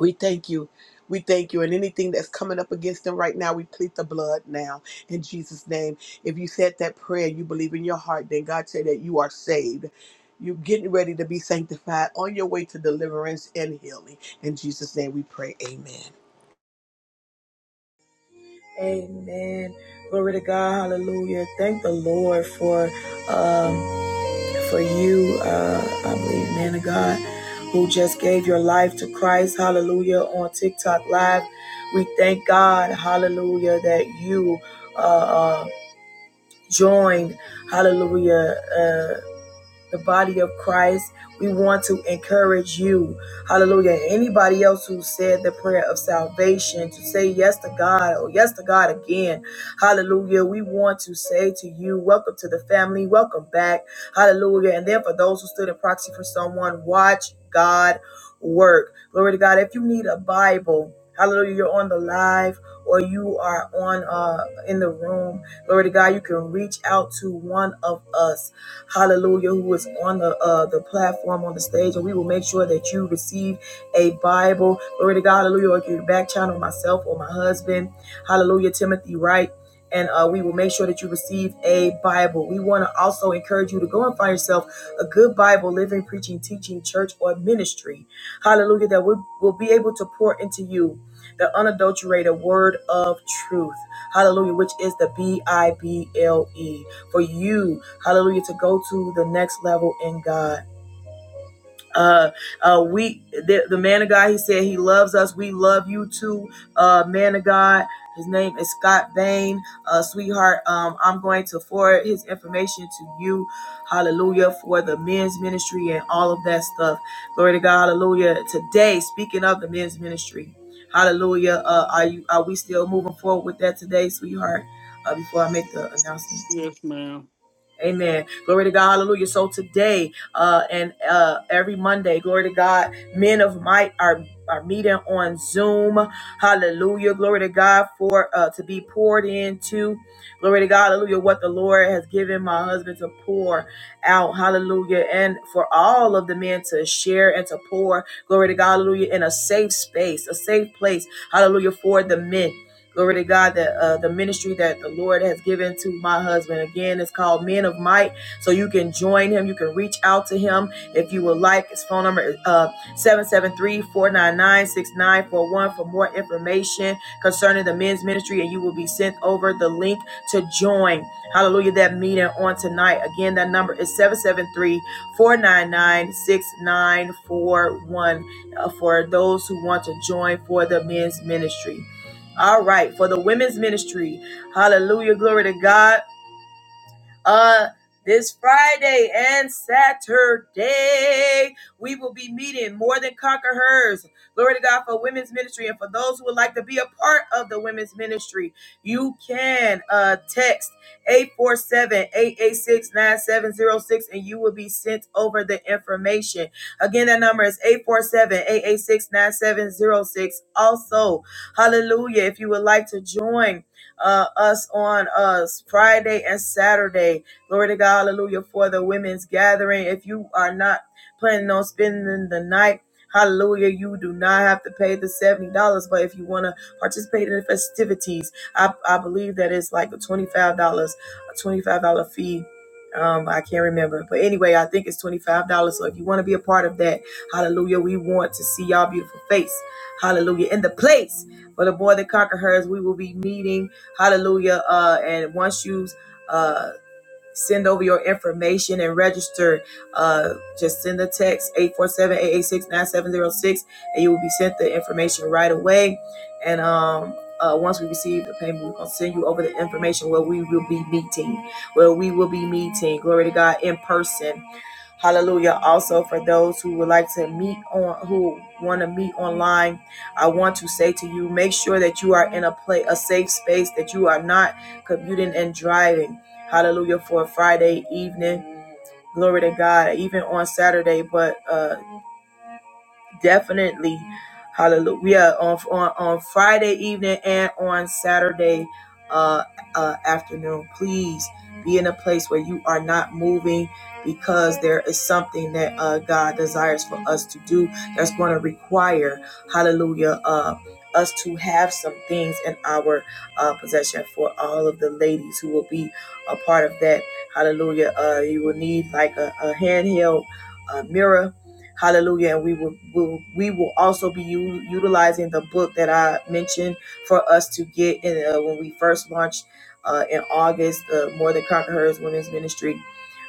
We thank you. We thank you. And anything that's coming up against them right now, we plead the blood now in Jesus' name. If you said that prayer, you believe in your heart, then God said that you are saved. You're getting ready to be sanctified on your way to deliverance and healing. In Jesus' name we pray. Amen.
Amen. Glory to God. Hallelujah. Thank the Lord for. um, for you, uh, I believe, man of God, who just gave your life to Christ, hallelujah, on TikTok Live. We thank God, hallelujah, that you uh, uh, joined, hallelujah. uh, the body of Christ. We want to encourage you. Hallelujah. Anybody else who said the prayer of salvation to say yes to God or yes to God again. Hallelujah. We want to say to you, welcome to the family. Welcome back. Hallelujah. And then for those who stood in proxy for someone, watch God work. Glory to God. If you need a Bible, hallelujah, you're on the live or you are on uh in the room. Glory to God. You can reach out to one of us hallelujah, who is on the uh, the platform on the stage, and we will make sure that you receive a Bible. Glory to God, hallelujah. Or you can back channel myself or my husband, hallelujah, Timothy Wright. And uh, we will make sure that you receive a Bible. We want to also encourage you to go and find yourself a good Bible, living, preaching, teaching, church, or ministry. Hallelujah. That we will be able to pour into you the unadulterated word of truth. Hallelujah, which is the B I B L E for you, hallelujah, to go to the next level in God. Uh, uh, we, the, the man of God, he said he loves us. We love you too, uh, man of God. His name is Scott Bain, uh, sweetheart. Um, I'm going to forward his information to you, hallelujah, for the men's ministry and all of that stuff. Glory to God, hallelujah. Today, speaking of the men's ministry, hallelujah. Uh, are you? Are we still moving forward with that today, sweetheart? Uh, before I make the announcement.
Yes, ma'am.
Amen. Glory to God. Hallelujah. So today uh, and uh, every Monday, glory to God, men of might are are meeting on Zoom. Hallelujah. Glory to God for uh, to be poured into. Glory to God. Hallelujah. What the Lord has given my husband to pour out. Hallelujah. And for all of the men to share and to pour. Glory to God. Hallelujah. In a safe space, a safe place. Hallelujah. For the men. Glory to God that uh, the ministry that the Lord has given to my husband again is called Men of Might. So you can join him. You can reach out to him if you would like. His phone number is uh, 773 for more information concerning the men's ministry. And you will be sent over the link to join. Hallelujah. That meeting on tonight. Again, that number is seven seven three four nine nine six nine four one uh, for those who want to join for the men's ministry. All right, for the women's ministry. Hallelujah. Glory to God. Uh, this Friday and Saturday, we will be meeting more than conquerors. Glory to God for women's ministry. And for those who would like to be a part of the women's ministry, you can uh, text 847 886 9706, and you will be sent over the information. Again, that number is 847 886 9706. Also, hallelujah, if you would like to join uh, us on us Friday and Saturday. Glory to God, hallelujah, for the women's gathering. If you are not planning on spending the night, Hallelujah. You do not have to pay the $70, but if you want to participate in the festivities, I, I believe that it's like a $25, a $25 fee. Um, I can't remember, but anyway, I think it's $25. So if you want to be a part of that, hallelujah, we want to see y'all beautiful face. Hallelujah. In the place for the boy that conquer hers, we will be meeting. Hallelujah. Uh, and once you uh, send over your information and register, uh, just send a text 847 886 9706, and you will be sent the information right away. And um, uh, once we receive the payment, we're going to send you over the information where we will be meeting, where we will be meeting, glory to God, in person. Hallelujah. Also, for those who would like to meet on, who want to meet online, I want to say to you, make sure that you are in a play, a safe space, that you are not commuting and driving. Hallelujah. For a Friday evening. Glory to God. Even on Saturday, but uh, definitely. Hallelujah. We are On, on, on Friday evening and on Saturday uh, uh, afternoon, please be in a place where you are not moving because there is something that uh, God desires for us to do that's going to require, hallelujah, uh, us to have some things in our uh, possession for all of the ladies who will be a part of that. Hallelujah. Uh, you will need like a, a handheld uh, mirror Hallelujah. And we will, will we will also be u- utilizing the book that I mentioned for us to get in uh, when we first launched uh, in August, the More Than Conquerors Women's Ministry.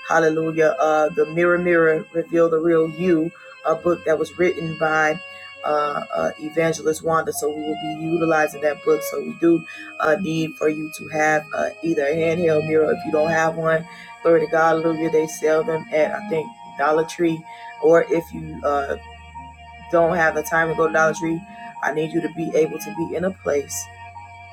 Hallelujah. Uh, the Mirror Mirror Reveal the Real You, a book that was written by uh, uh, Evangelist Wanda. So we will be utilizing that book. So we do uh, need for you to have uh, either a handheld mirror if you don't have one. Glory to God, hallelujah. They sell them at, I think, Dollar Tree or if you uh, don't have the time to go to Dollar Tree, I need you to be able to be in a place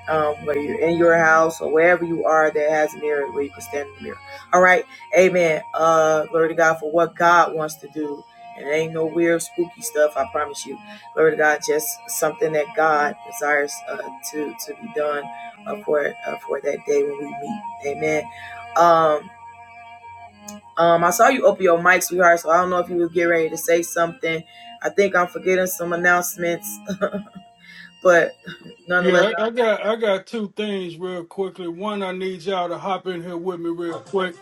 um, where you're in your house or wherever you are that has a mirror where you can stand in the mirror. All right, Amen. Uh, glory to God for what God wants to do, and it ain't no weird spooky stuff. I promise you. Glory to God, just something that God desires uh, to to be done uh, for uh, for that day when we meet. Amen. Um, um, I saw you open your mic, sweetheart, so I don't know if you were getting ready to say something. I think I'm forgetting some announcements, but nonetheless.
Yeah, I, I got I got two things real quickly. One, I need y'all to hop in here with me real quick.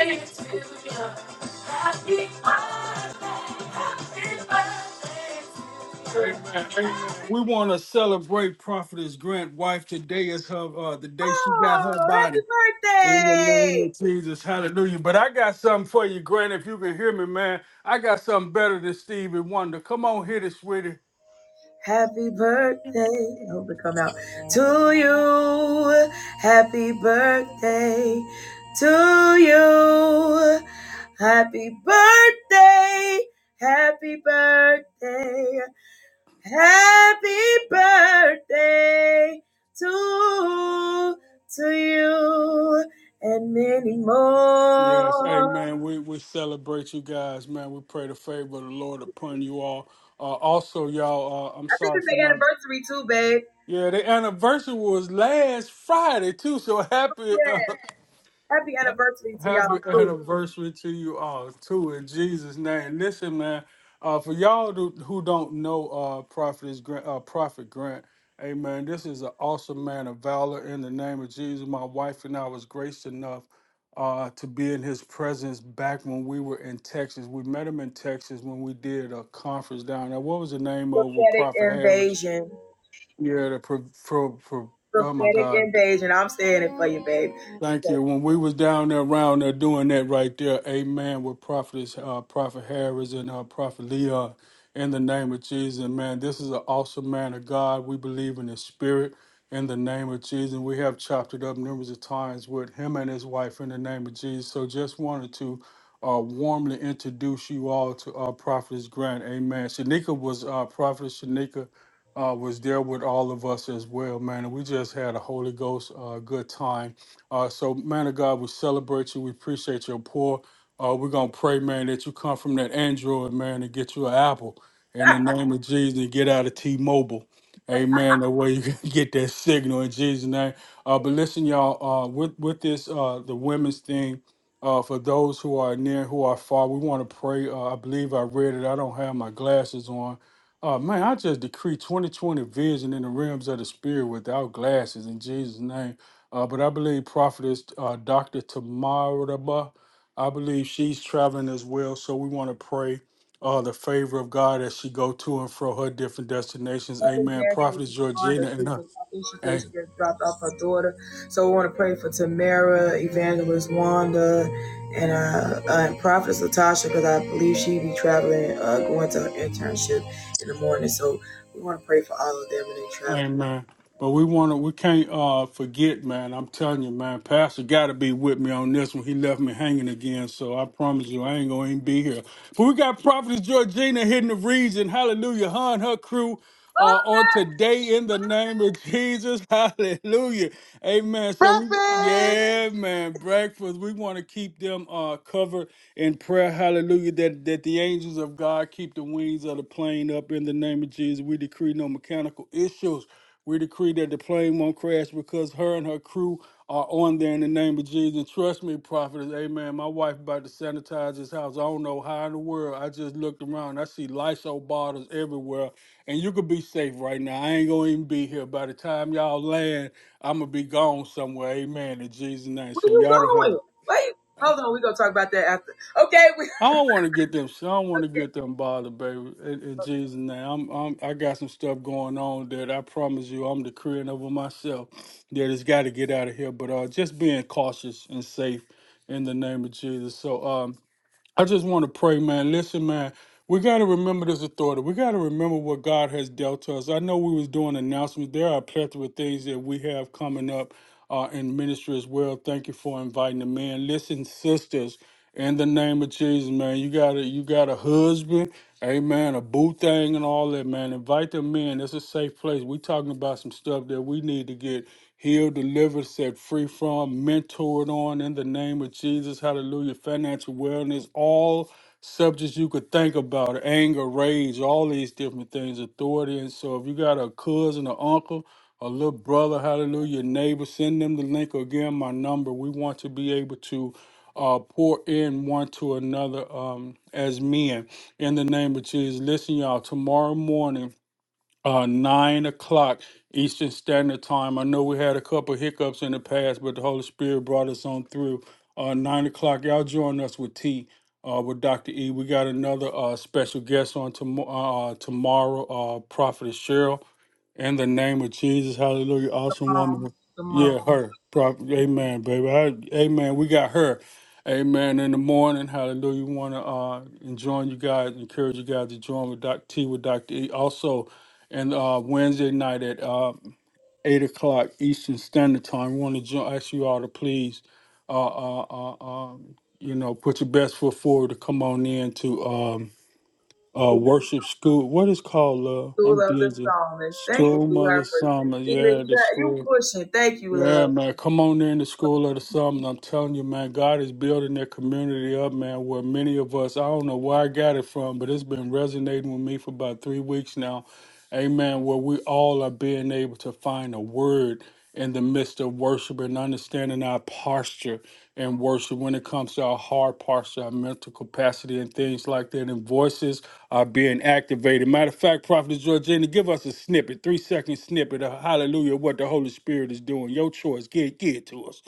Amen. Amen. We want to celebrate Prophetess Grant wife. Today is her uh, the day she got her
Oh,
body. In
happy
the name
birthday!
of Jesus, hallelujah. But I got something for you, Grant, if you can hear me, man. I got something better than Stevie Wonder. Come on, hit it, sweetie.
Happy birthday. I hope it come out to you. Happy birthday to you. Happy birthday. Happy birthday. Happy birthday to to you and many
Yes,
more.
amen. We we celebrate you guys, man. We pray the favor of the Lord upon you all. Uh, also, y'all, uh, I'm
I think
sorry
it's
for
the
not.
anniversary too, babe.
Yeah, the anniversary was last Friday too. So happy, uh,
Yeah. Happy anniversary to y'all
Happy
too.
anniversary to you all, too, in Jesus' name. Listen, man, uh, for y'all do, who don't know uh, Prophet, Grant, uh, Prophet Grant, amen, this is an awesome man of valor in the name of Jesus. My wife and I was graced enough uh, to be in his presence back when we were in Texas. We met him in Texas when we did a conference down there. What was the name of it with
Prophetic
Prophet Harris?
invasion.
Yeah, the pro, pro, pro, oh, my
Prophetic
God.
invasion. I'm saying it for you, babe.
Thank you. When we was down there around there doing that right there, amen, with Prophet, uh, Prophet Harris and uh, Prophet Leon, in the name of Jesus, man, this is an awesome man of God. We believe in his spirit in the name of Jesus. We have chopped it up numerous of times with him and his wife in the name of Jesus. So just wanted to uh, warmly introduce you all to uh, Prophetess Grant, amen. Shanika was, uh, Prophetess Shanika uh, was there with all of us as well, man. And we just had a Holy Ghost uh, good time uh, so, man of God, we celebrate you. We appreciate your pour. Uh, we're going to pray, man, that you come from that Android, man, and get you an Apple in the name of Jesus and get out of T Mobile. Amen. That way you can get that signal in Jesus' name. Uh, but listen, y'all, uh, with, with this, uh, the women's thing, uh, for those who are near, who are far, we want to pray. Uh, I believe I read it. I don't have my glasses on. Uh, man, I just decree 2020 vision in the realms of the spirit without glasses in Jesus' name. Uh, but I believe Prophetess uh, Dr. Tamaraba, I believe she's traveling as well. So we want to pray uh, the favor of God as she go to and fro her different destinations. Amen. Prophetess
on
Georgina
the
and
two
her.
things. I think she said
a-
she just dropped off her daughter. So we want to pray for Tamara, Evangelist Wanda, and uh, uh and Prophetess Latasha because I believe she be traveling, uh, going to her internship in the morning. So we want to pray for all of them and they travel.
Amen. But we want to, we can't uh, forget, man. I'm telling you, man. Pastor got to be with me on this one. He left me hanging again, so I promise you, I ain't gonna even be here. But we got Prophetess Georgina hitting the region. Hallelujah, her and her crew. Uh, on today, in the name of Jesus, hallelujah, amen. So, we,
Perfect.
yeah, man, breakfast. We want to keep them uh covered in prayer, hallelujah. That that the angels of God keep the wings of the plane up in the name of Jesus. We decree no mechanical issues we decree that the plane won't crash because her and her crew are on there in the name of Jesus. And trust me, prophetess, amen. My wife about to sanitize this house. I don't know how in the world. I just looked around. I see Lysol bottles everywhere. And you could be safe right now. I ain't going to even be here. By the time y'all land, I'm going to be gone somewhere. Amen. In Jesus' name.
Where
So
you
y'all don't have to
going? Wait, hold on. We gonna talk about that after. Okay, we.
I don't want to get them. I don't want to get them bothered, baby. In, in Jesus' name, I'm, I'm. I got some stuff going on that I promise you, I'm decreeing over myself that it's got to get out of here. But uh, just being cautious and safe in the name of Jesus. So um, I just want to pray, man. Listen, man, we got to remember this authority. We got to remember what God has dealt to us. I know we was doing announcements. There are a plethora of things that we have coming up uh, in ministry as well. Thank you for inviting them in. Listen, sisters, in the name of Jesus, man, you got a you got a husband, amen, a boo thing and all that, man. Invite them in. It's a safe place. We talking about some stuff that we need to get healed, delivered, set free from, mentored on in the name of Jesus. Hallelujah. Financial wellness, all subjects you could think about anger, rage, all these different things, authority. And so if you got a cousin, an uncle, a little brother, hallelujah, neighbor, send them the link or give them my number. We want to be able to uh, pour in one to another um, as men in the name of Jesus. Listen, y'all, tomorrow morning uh, nine o'clock Eastern Standard Time. I know we had a couple hiccups in the past, but the Holy Spirit brought us on through. Uh, nine o'clock, y'all join us with T, uh, with Dr. E. We got another uh, special guest on tom- uh, tomorrow, uh, Prophetess Cheryl. In the name of Jesus, hallelujah. Awesome woman.
The
Yeah,
mom
her. Prop- Amen, baby. I, amen. We got her. Amen. In the morning, hallelujah. We want to uh, and join you guys, encourage you guys to join with Dr. T, with Dr. E. Also, and uh, Wednesday night at uh, 8 o'clock Eastern Standard Time, we want to jo- ask you all to please, uh, uh, uh, um, you know, put your best foot forward to come on in to. Um, uh
who
worship school. What is called love?
who
I'm
love the
dizzy.
psalmist. Thank you,
School
for Her
mother
for
summer. Yeah, the
you
school.
pushing. Thank you,
Yeah,
love.
man. Come on in the school of the summer. I'm telling you, man, God is building that community up, man, where many of us, I don't know where I got it from, but it's been resonating with me for about three weeks now. Amen. Where we all are being able to find a word in the midst of worship and understanding our posture in worship when it comes to our hard posture, our mental capacity, and things like that. And voices are being activated. Matter of fact, Prophet Georgina, give us a snippet, three second snippet of hallelujah, what the Holy Spirit is doing. Your choice. Get, get it to us.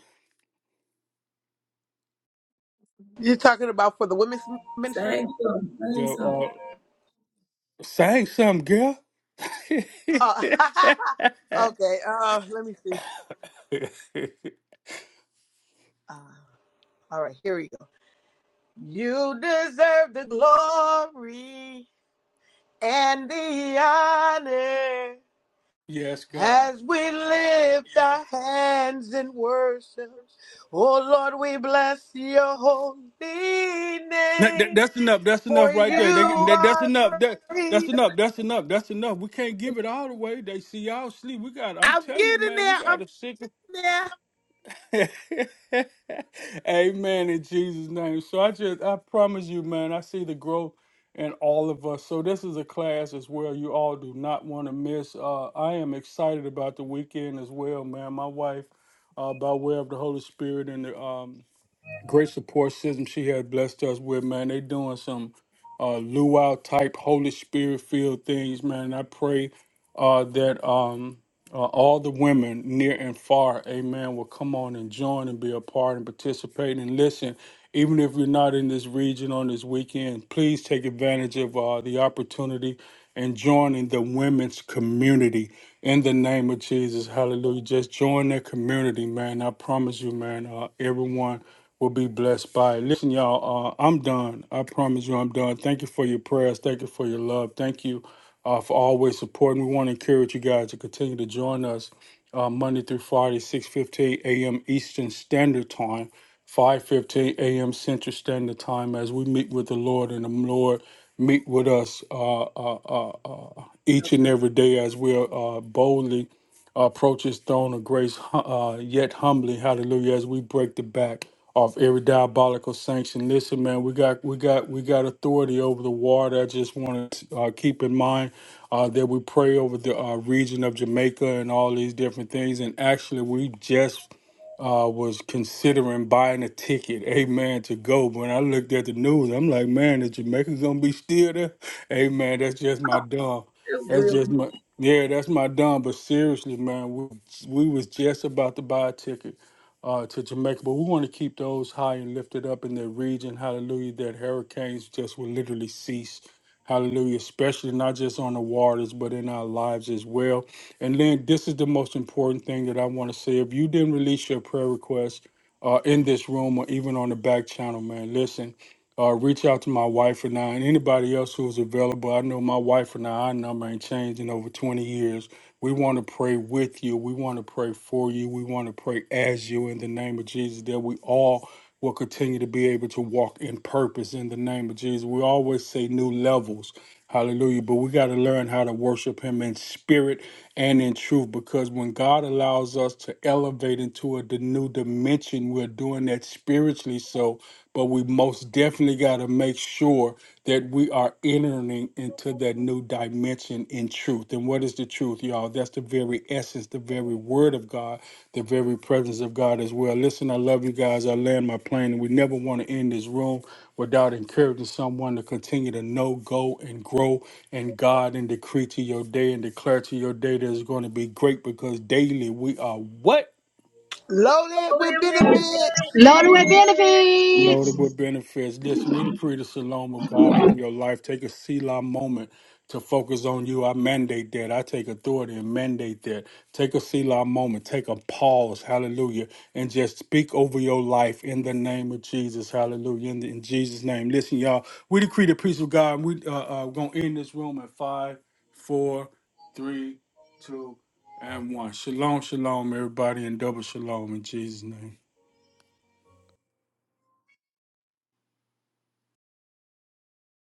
You're talking about for the women's ministry?
Thank you. Thank
Girl,
you.
uh, sing something, girl.
Oh, okay. Uh, let me see. Uh, all right. Here we go. You deserve the glory and the honor
yes, God.
as we lift our hands in worship. Oh Lord, we bless your holy
That, that-
name,
that's enough. That's
for
enough right
you
there. They, that, that's
are
enough. That, that's
great.
enough. That's enough. That's enough. We can't give it all away. They see y'all sleep. We got. I'm
I'm
telling you,
getting
man. We
there.
got
I'm
a sick.
there.
Amen in Jesus' name. So I just, I promise you, man. I see the growth in all of us. So this is a class as well. You all do not want to miss. Uh, I am excited about the weekend as well, man. My wife, uh, by way of the Holy Spirit and the um, great support system she had blessed us with, man. They doing some uh luau type Holy Spirit filled things, man. I pray uh that um uh, all the women near and far, amen, will come on and join and be a part and participate and listen. Even if you're not in this region on this weekend, please take advantage of uh, the opportunity and join in the women's community in the name of Jesus. Hallelujah. Just join that community, man. I promise you, man, uh, everyone will be blessed by it. Listen, y'all, uh, I'm done. I promise you, I'm done. Thank you for your prayers. Thank you for your love. Thank you uh, for always supporting. We want to encourage you guys to continue to join us uh, Monday through Friday, 6.15 a.m. Eastern Standard Time, 5.15 a.m. Central Standard Time as we meet with the Lord and the Lord meet with us uh, uh, uh, uh, each and every day as we are uh, boldly approach his throne of grace hu- uh, yet humbly hallelujah as we break the back of every diabolical sanction listen man we got we got we got authority over the water i just want to uh, keep in mind uh, that we pray over the uh, region of jamaica and all these different things and actually we just uh, was considering buying a ticket, amen, to go. When I looked at the news, I'm like, man, is Jamaica gonna be still there? Amen. That's just my dumb.
It
That's
will.
just my yeah, that's my dumb. But seriously, man, we, we was just about to buy a ticket uh, to Jamaica. But we want to keep those high and lifted up in their region. Hallelujah. That hurricanes just will literally cease. Hallelujah. Especially not just on the waters, but in our lives as well. And then this is the most important thing that I want to say. If you didn't release your prayer request, uh, in this room or even on the back channel, man. Listen, uh, reach out to my wife and I and anybody else who's available. I know my wife and I, our number ain't changed in over 20 years. We want to pray with you. We want to pray for you. We want to pray as you in the name of Jesus that we all will continue to be able to walk in purpose in the name of Jesus. We always say new levels. Hallelujah. But we got to learn how to worship him in spirit and in truth because when God allows us to elevate into a d- new dimension, we're doing that spiritually so. But we most definitely got to make sure that we are entering into that new dimension in truth. And what is the truth, y'all? That's the very essence, the very word of God, the very presence of God as well. Listen, I love you guys. I land my plane, and we never want to end this room without encouraging someone to continue to know, go, and grow in God and decree to your day and declare to your day that it's going to be great because daily we are what?
Loaded
Oh,
with
you will
benefits.
Load
be.
with benefits.
loaded with benefits. Listen, we decree the shalom of God over your life. Take a Selah moment to focus on you. I mandate that. I take authority and mandate that. Take a Selah moment. Take a pause. Hallelujah. And just speak over your life in the name of Jesus. Hallelujah. In, the in Jesus' name. Listen, y'all, we decree the peace of God. We uh, uh, going to end this room at five, four, three, two, and one. Shalom, shalom, everybody, and double shalom in Jesus' name.